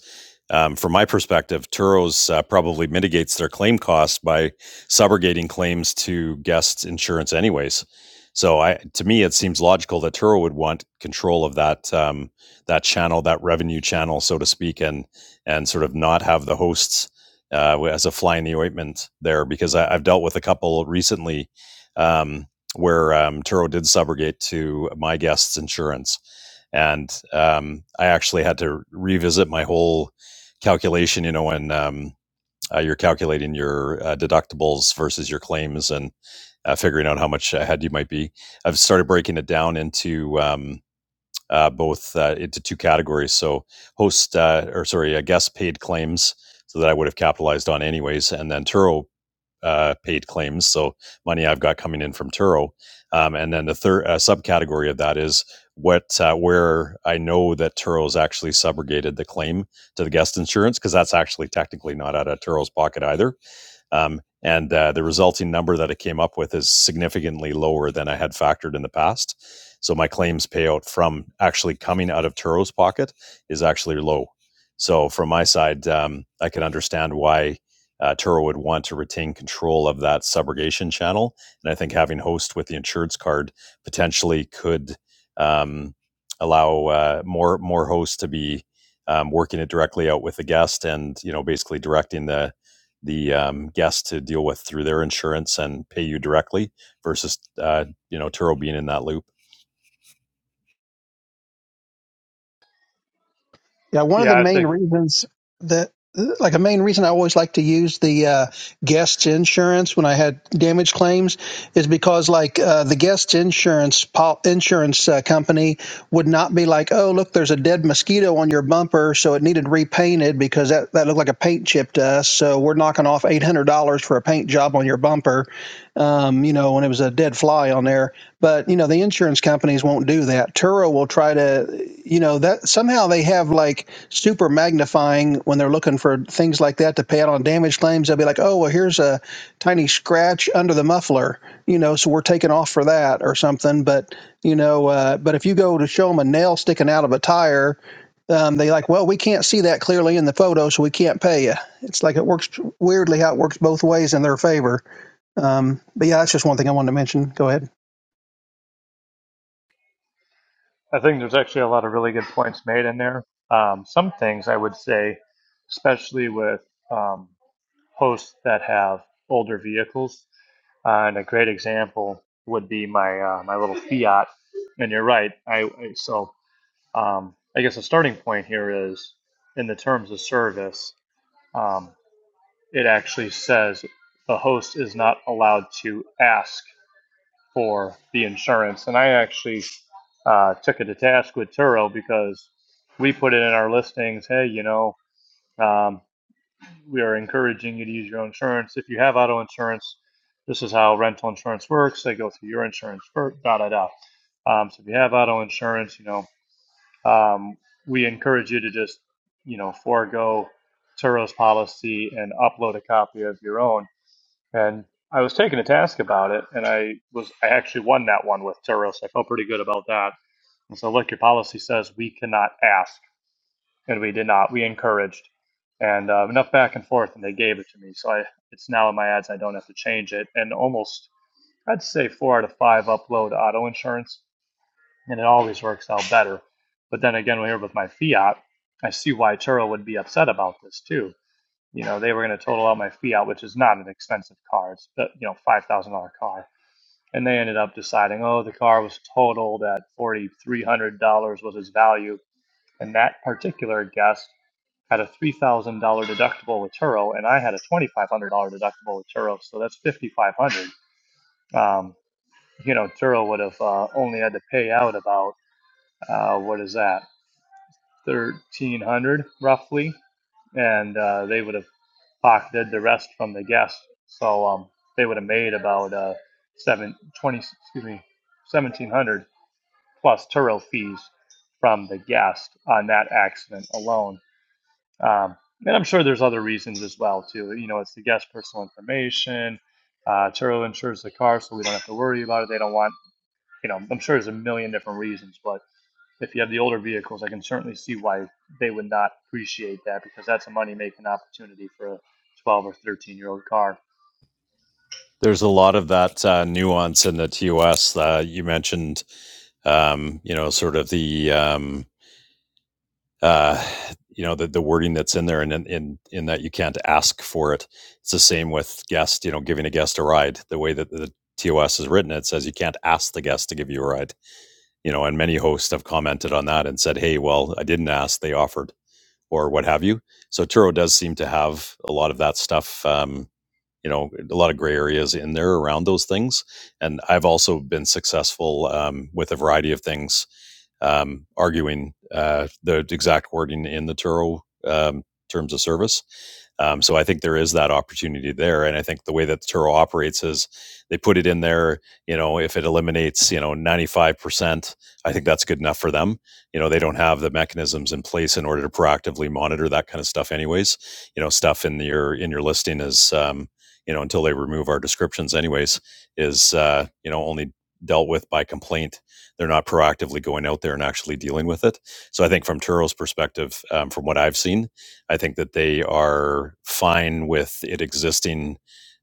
S2: um, from my perspective, Turo's uh, probably mitigates their claim costs by subrogating claims to guests' insurance, anyways. So I, to me, it seems logical that Turo would want control of that um, that channel, that revenue channel, so to speak, and and sort of not have the hosts uh, as a fly in the ointment there because I, I've dealt with a couple recently um, where um, Turo did subrogate to my guest's insurance. And um, I actually had to revisit my whole calculation, you know, when um, uh, you're calculating your uh, deductibles versus your claims and uh, figuring out how much ahead you might be. I've started breaking it down into. um, uh, both uh, into two categories. So host uh, or sorry, uh, guest paid claims, so that I would have capitalized on anyways, and then Turo uh, paid claims, so money I've got coming in from Turo, um, and then the third uh, subcategory of that is what uh, where I know that Turo's actually subrogated the claim to the guest insurance because that's actually technically not out of Turo's pocket either. Um, and uh, the resulting number that it came up with is significantly lower than I had factored in the past. So my claims payout from actually coming out of Turo's pocket is actually low. So from my side, um, I can understand why uh, Turo would want to retain control of that subrogation channel, and I think having host with the insurance card potentially could um, allow uh, more more hosts to be um, working it directly out with the guest, and you know basically directing the the um, guest to deal with through their insurance and pay you directly versus uh, you know Turo being in that loop.
S5: Yeah, one of
S6: Yeah,
S5: the
S6: I
S5: main
S6: think
S5: reasons that, like, a main reason I always like to use the uh, guest insurance when I had damage claims is because, like, uh, the guests' insurance pol- insurance uh, company would not be like, "Oh, look, there's a dead mosquito on your bumper, so it needed repainted because that that looked like a paint chip to us, so we're knocking off eight hundred dollars for a paint job on your bumper," um, you know, when it was a dead fly on there but you know, the insurance companies won't do that. Turo will try to, you know, that somehow they have like super magnifying when they're looking for things like that to pay out on damage claims. They'll be like, oh, well, here's a tiny scratch under the muffler, you know, so we're taking off for that or something. But you know, uh, but if you go to show them a nail sticking out of a tire, um, they like, well, we can't see that clearly in the photo, so we can't pay you. It's like it works weirdly how it works both ways in their favor. Um, but yeah, that's just one thing I wanted to mention. Go ahead.
S6: I think there's actually a lot of really good points made in there. Um, some things I would say, especially with um, hosts that have older vehicles, uh, and a great example would be my uh, my little Fiat. And you're right. I, I so um, I guess a starting point here is in the terms of service. Um, it actually says the host is not allowed to ask for the insurance. And I actually uh, took it to task with Turo because we put it in our listings. Hey, you know, um, we are encouraging you to use your own insurance. If you have auto insurance, this is how rental insurance works. They go through your insurance first, da da da. Um, so if you have auto insurance, you know, um, we encourage you to just, you know, forego Turo's policy and upload a copy of your own and I was taken to task about it, and I was I actually won that one with Turos. I felt pretty good about that. And so, look, your policy says we cannot ask, and we did not. We encouraged, and uh, enough back and forth, and they gave it to me. So I, it's now in my ads. I don't have to change it, and almost I'd say four out of five upload auto insurance, and it always works out better. But then again, we're here with my fiat, I see why Turo would be upset about this too you know they were going to total out my fiat which is not an expensive car it's uh, you know $5000 car and they ended up deciding oh the car was totaled at $4300 was its value and that particular guest had a $3000 deductible with turo and i had a $2500 deductible with turo so that's 5500 um, you know turo would have uh, only had to pay out about uh, what is that 1300 roughly and uh, they would have Pac did the rest from the guests. So um, they would have made about uh, seven twenty excuse me, 1700 plus Turo fees from the guest on that accident alone. Um, and I'm sure there's other reasons as well too. You know, it's the guest personal information. Uh, Turo insures the car, so we don't have to worry about it. They don't want, you know, I'm sure there's a million different reasons, but if you have the older vehicles, I can certainly see why they would not appreciate that because that's a money making opportunity for a 12 or 13 year old car.
S2: There's a lot of that uh, nuance in the TOS. Uh, you mentioned um, you know, sort of the um, uh, you know the, the wording that's in there, and in, in in that you can't ask for it. It's the same with guest, you know, giving a guest a ride. The way that the TOS is written, it says you can't ask the guest to give you a ride. You know, and many hosts have commented on that and said, "Hey, well, I didn't ask; they offered." or what have you. So Turo does seem to have a lot of that stuff. Um, you know a lot of gray areas in there around those things and i've also been successful um, with a variety of things um, arguing uh, the exact wording in the turo um, terms of service um, so i think there is that opportunity there and i think the way that the turo operates is they put it in there you know if it eliminates you know 95% i think that's good enough for them you know they don't have the mechanisms in place in order to proactively monitor that kind of stuff anyways you know stuff in your in your listing is um, you know, until they remove our descriptions, anyways, is uh, you know only dealt with by complaint. They're not proactively going out there and actually dealing with it. So I think from Turo's perspective, um, from what I've seen, I think that they are fine with it existing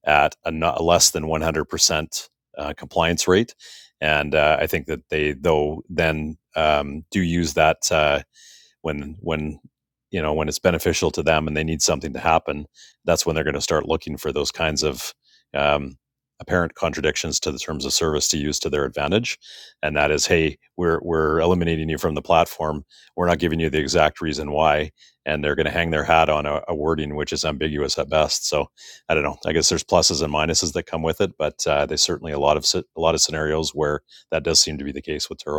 S2: at a not less than 100% uh, compliance rate. And uh, I think that they, though, then um, do use that. Uh, when when you know when it's beneficial to them and they need something to happen that's when they're going to start looking for those kinds of um, apparent contradictions to the terms of service to use to their advantage and that is hey we're we're eliminating you from the platform we're not giving you the exact reason why and they're going to hang their hat on a, a wording which is ambiguous at best so i don't know i guess there's pluses and minuses that come with it but uh, there's certainly a lot of a lot of scenarios where that does seem to be the case with turo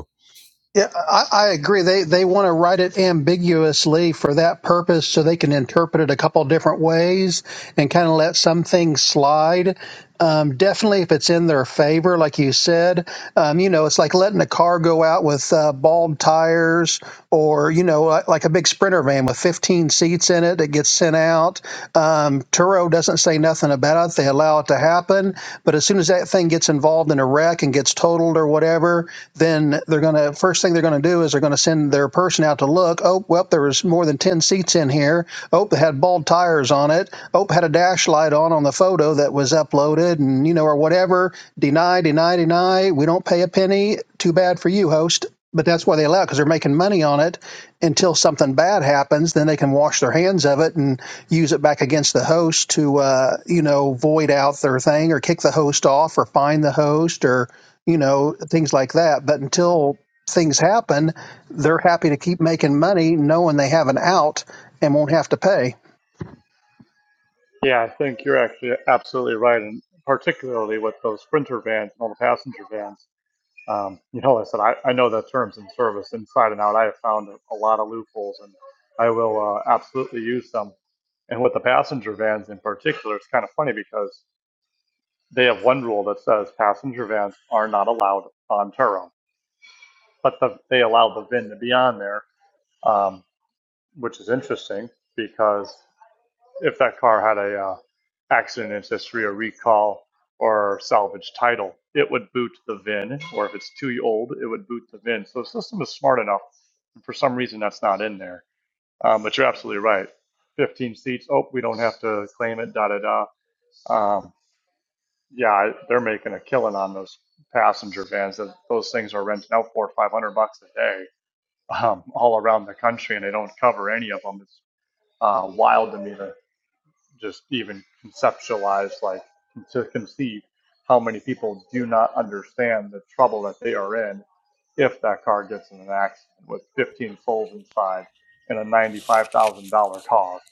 S5: Yeah, I, I agree. They they want to write it ambiguously for that purpose, so they can interpret it a couple different ways and kind of let some things slide. Um, definitely, if it's in their favor, like you said, um, you know, it's like letting a car go out with uh, bald tires, or you know, like, like a big sprinter van with 15 seats in it that gets sent out. Um, Turo doesn't say nothing about it; they allow it to happen. But as soon as that thing gets involved in a wreck and gets totaled or whatever, then they're going to first thing they're going to do is they're going to send their person out to look. Oh, well, there was more than 10 seats in here here. Oh, it had bald tires on it. Oh, it had a dash light on on the photo that was uploaded, and you know, or whatever. Deny, deny, deny. We don't pay a penny. Too bad for you, host. But that's why they allow it, because they're making money on it until something bad happens. Then they can wash their hands of it and use it back against the host to, uh, you know, void out their thing or kick the host off or fine the host or, you know, things like that. But until things happen, they're happy to keep making money knowing they have an out and won't have to pay.
S6: Yeah, I think you're actually absolutely right, and particularly with those sprinter vans and all the passenger vans. Um, you know, like I said I, I know the terms and service inside and out. I have found a, a lot of loopholes, and I will uh, absolutely use them. And with the passenger vans in particular, it's kind of funny because they have one rule that says passenger vans are not allowed on Turo but the, they allow the VIN to be on there, um, which is interesting because if that car had a uh, accident history, or recall, or salvage title, it would boot the VIN, or if it's too old, it would boot the VIN. So the system is smart enough. And for some reason, that's not in there. Um, but you're absolutely right. 15 seats. Oh, we don't have to claim it. Da da da. Um, yeah, they're making a killing on those passenger vans. Those those things are renting out four or five hundred bucks a day um, all around the country, and I don't cover any of them. It's uh, wild to me to just even conceptualize, like to conceive how many people do not understand the trouble that they are in if that car gets in an accident with 15 souls inside and a $95,000 cost.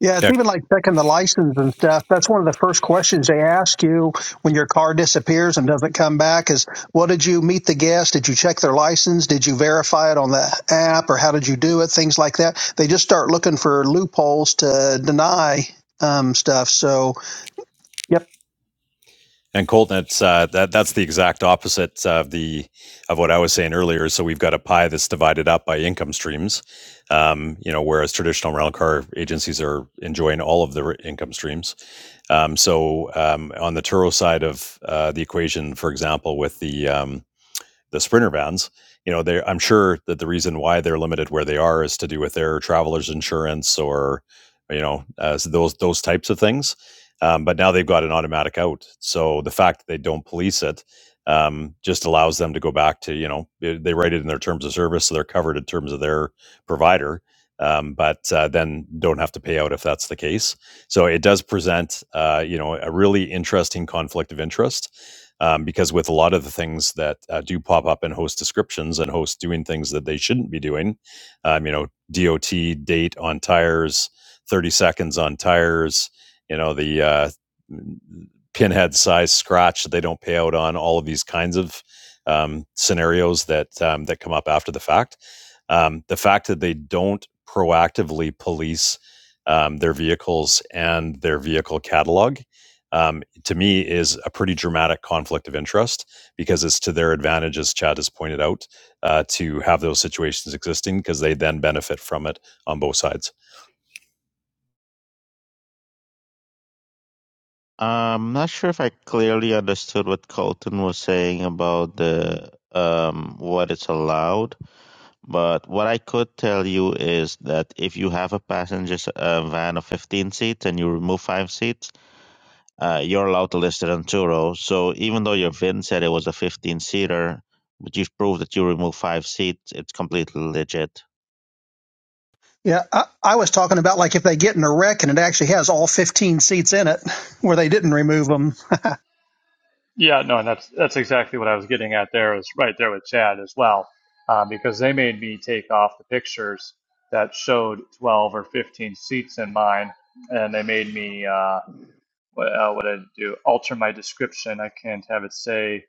S5: Yeah, it's
S2: yeah,
S5: even like checking the license and stuff. That's one of the first questions they ask you when your car disappears and doesn't come back is, well, did you meet the guest? Did you check their license? Did you verify it on the app or how did you do it? Things like that. They just start looking for loopholes to deny um, stuff. So, yep.
S2: and Colton, it's uh, that that's the exact opposite of the of what I was saying earlier. So we've got a pie that's divided up by income streams, um, you know, whereas traditional rental car agencies are enjoying all of the r- income streams. Um, so um, on the Turo side of uh, the equation, for example, with the um, the sprinter vans you know they i'm sure that the reason why they're limited where they are is to do with their travelers insurance or you know uh, so those those types of things um, but now they've got an automatic out so the fact that they don't police it um, just allows them to go back to you know they they write it in their terms of service so they're covered in terms of their provider um, but uh, then don't have to pay out if that's the case so it does present uh, you know a really interesting conflict of interest um, because with a lot of the things that uh, do pop up in host descriptions and hosts doing things that they shouldn't be doing, um, you know, DOT date on tires, 30 seconds on tires, you know, the uh, pinhead size scratch that they don't pay out on, all of these kinds of um, scenarios that um, that come up after the fact. Um, the fact that they don't proactively police um, their vehicles and their vehicle catalog um, to me is a pretty dramatic conflict of interest because it's to their advantage, as Chad has pointed out, uh, to have those situations existing because they then benefit from it on both sides.
S3: I'm not sure if I clearly understood what Colton was saying about the um, what it's allowed, but what I could tell you is that if you have a passenger uh, van of 15 seats and you remove five seats, uh, you're allowed to list it on two rows. So even though your VIN said it was a 15 seater, but you've proved that you remove five seats, it's completely legit.
S5: Yeah, I, I was talking about like if they get in a wreck and it actually has all 15 seats in it where they didn't remove remove them.
S6: Yeah, no, and that's that's exactly what I was getting at there is right there with Chad as well, uh, because they made me take off the pictures that showed 12 or 15 seats in mine, and they made me uh, what uh, what I do alter my description. I can't have it say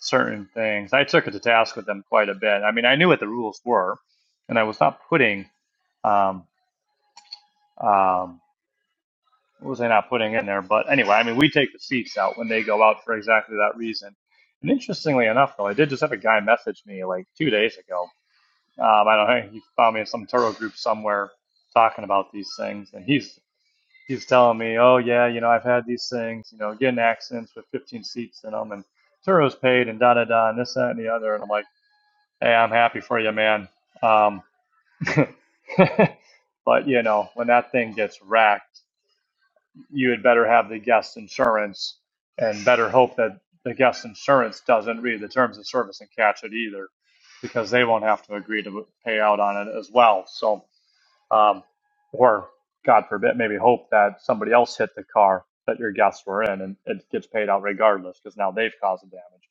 S6: certain things. I took it to task with them quite a bit. I mean, I knew what the rules were, and I was not putting um, um, what was I not putting in there? But anyway, I mean, we take the seats out when they go out for exactly that reason. And interestingly enough, though, I did just have a guy message me like two days ago. Um, I don't know. He found me in some Turo group somewhere talking about these things, and he's he's telling me, oh yeah, you know, I've had these things, you know, getting accidents with 15 seats in them and Turo's paid and da da da and this that and the other, and I'm like, hey, I'm happy for you, man. Um, <laughs> but you know, when that thing gets racked, you had better have the guest insurance and better hope that the guest insurance doesn't read the terms of service and catch it either, because they won't have to agree to pay out on it as well. So um, or God forbid, maybe hope that somebody else hit the car that your guests were in, and it gets paid out regardless because now they've caused the damage.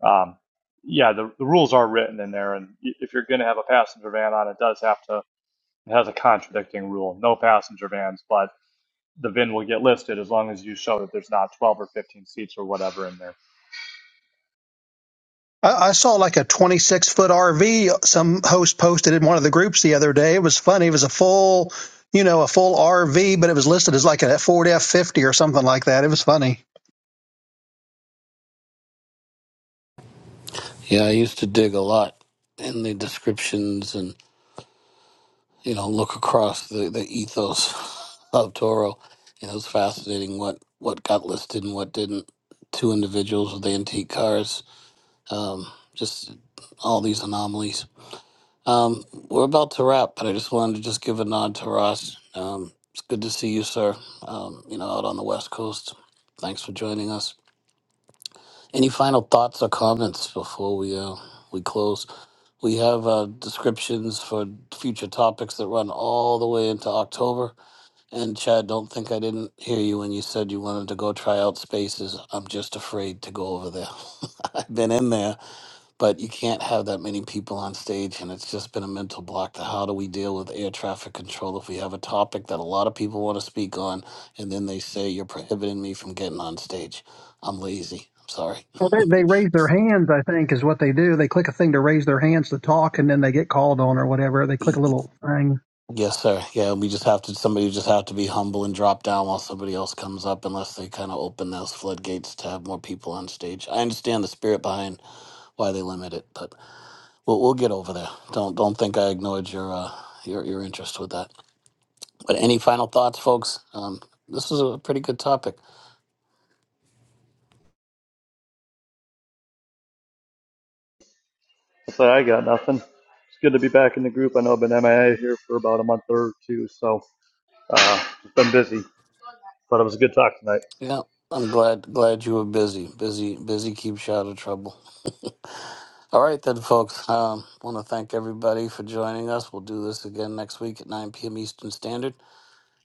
S6: But um, yeah, the, the rules are written in there, and y- if you're going to have a passenger van on, it does have to it has a contradicting rule: no passenger vans, but the VIN will get listed as long as you show that there's not 12 or 15 seats or whatever in there.
S5: I, I saw like a 26 foot RV some host posted in one of the groups the other day. It was funny. It was a full, you know, a full RV, but it was listed as like a Ford F50 or something like that. It was funny.
S1: Yeah, I used to dig a lot in the descriptions and, you know, look across the, the ethos of Toro. You know, it was fascinating what, what got listed and what didn't. Two individuals with antique cars, um, just all these anomalies. Um, we're wrapped, but I just wanted to just give a nod to Ross. Um, it's good to see you, sir, um, you know, out on the West Coast. Thanks for joining us. Any final thoughts or comments before we, uh, we close? We have uh, descriptions for future topics that run all the way into October. And Chad, don't think I didn't hear you when you said you wanted to go try out spaces. I'm just afraid to go over there. <laughs> I've been in there, but you can't have that many people on stage, and it's just been a mental block to how do we deal with air traffic control if we have a topic that a lot of people want to speak on, and then they say you're prohibiting me from getting on stage. I'm lazy. I'm sorry.
S5: Well, they, they raise their hands, I think, is what they do. They click a thing to raise their hands to talk, and then they get called on or whatever. They click a little thing.
S1: Yes, sir. Yeah, we just have to. Somebody just have to be humble and drop down while somebody else comes up, unless they kind of open those floodgates to have more people on stage. I understand the spirit behind why they limit it, but we'll we'll get over there. Don't don't think I ignored your uh, your your interest with that. But any final thoughts, folks? Um, this is a pretty good topic.
S6: So I got nothing. It's good to be back in the group. I know I've been MIA here for about a month or two, so uh, just been busy. But it was a good talk tonight.
S1: Yeah, I'm glad glad you were busy. Busy busy keeps you out of trouble. <laughs> All right, folks. Um, want to thank everybody for joining us. We'll do this again next week at 9 p.m. Eastern Standard.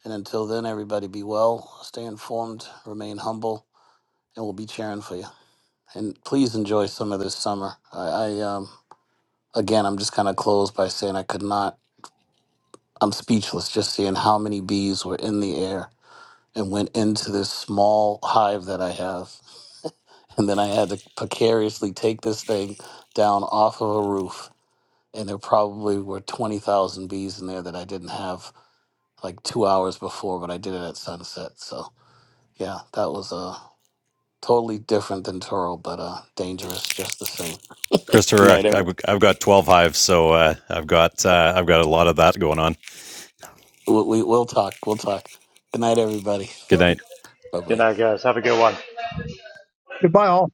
S1: And until then, everybody be well, stay informed, remain humble, and we'll be cheering for you. And please enjoy some of this summer. I, I um, again, I'm just kind of closed by saying I could not. I'm speechless just seeing how many bees were in the air and went into this small hive that I have. And then I had to precariously take this thing down off of a roof. And there probably were 20,000 bees in there that I didn't have like two hours before, but I did it at sunset. So yeah, that was uh Totally different than Toro, but uh, dangerous just the same. Good
S2: Christopher,
S1: night,
S2: I-
S1: every.
S2: have I've got 12 hives, so uh, I've got uh, I've got a lot of that going on.
S1: We, we, we'll talk. We'll talk. Good night, everybody.
S2: Good night.
S1: Bye
S6: Good
S1: bye.
S6: night, guys. Have a good one.
S5: Goodbye, all.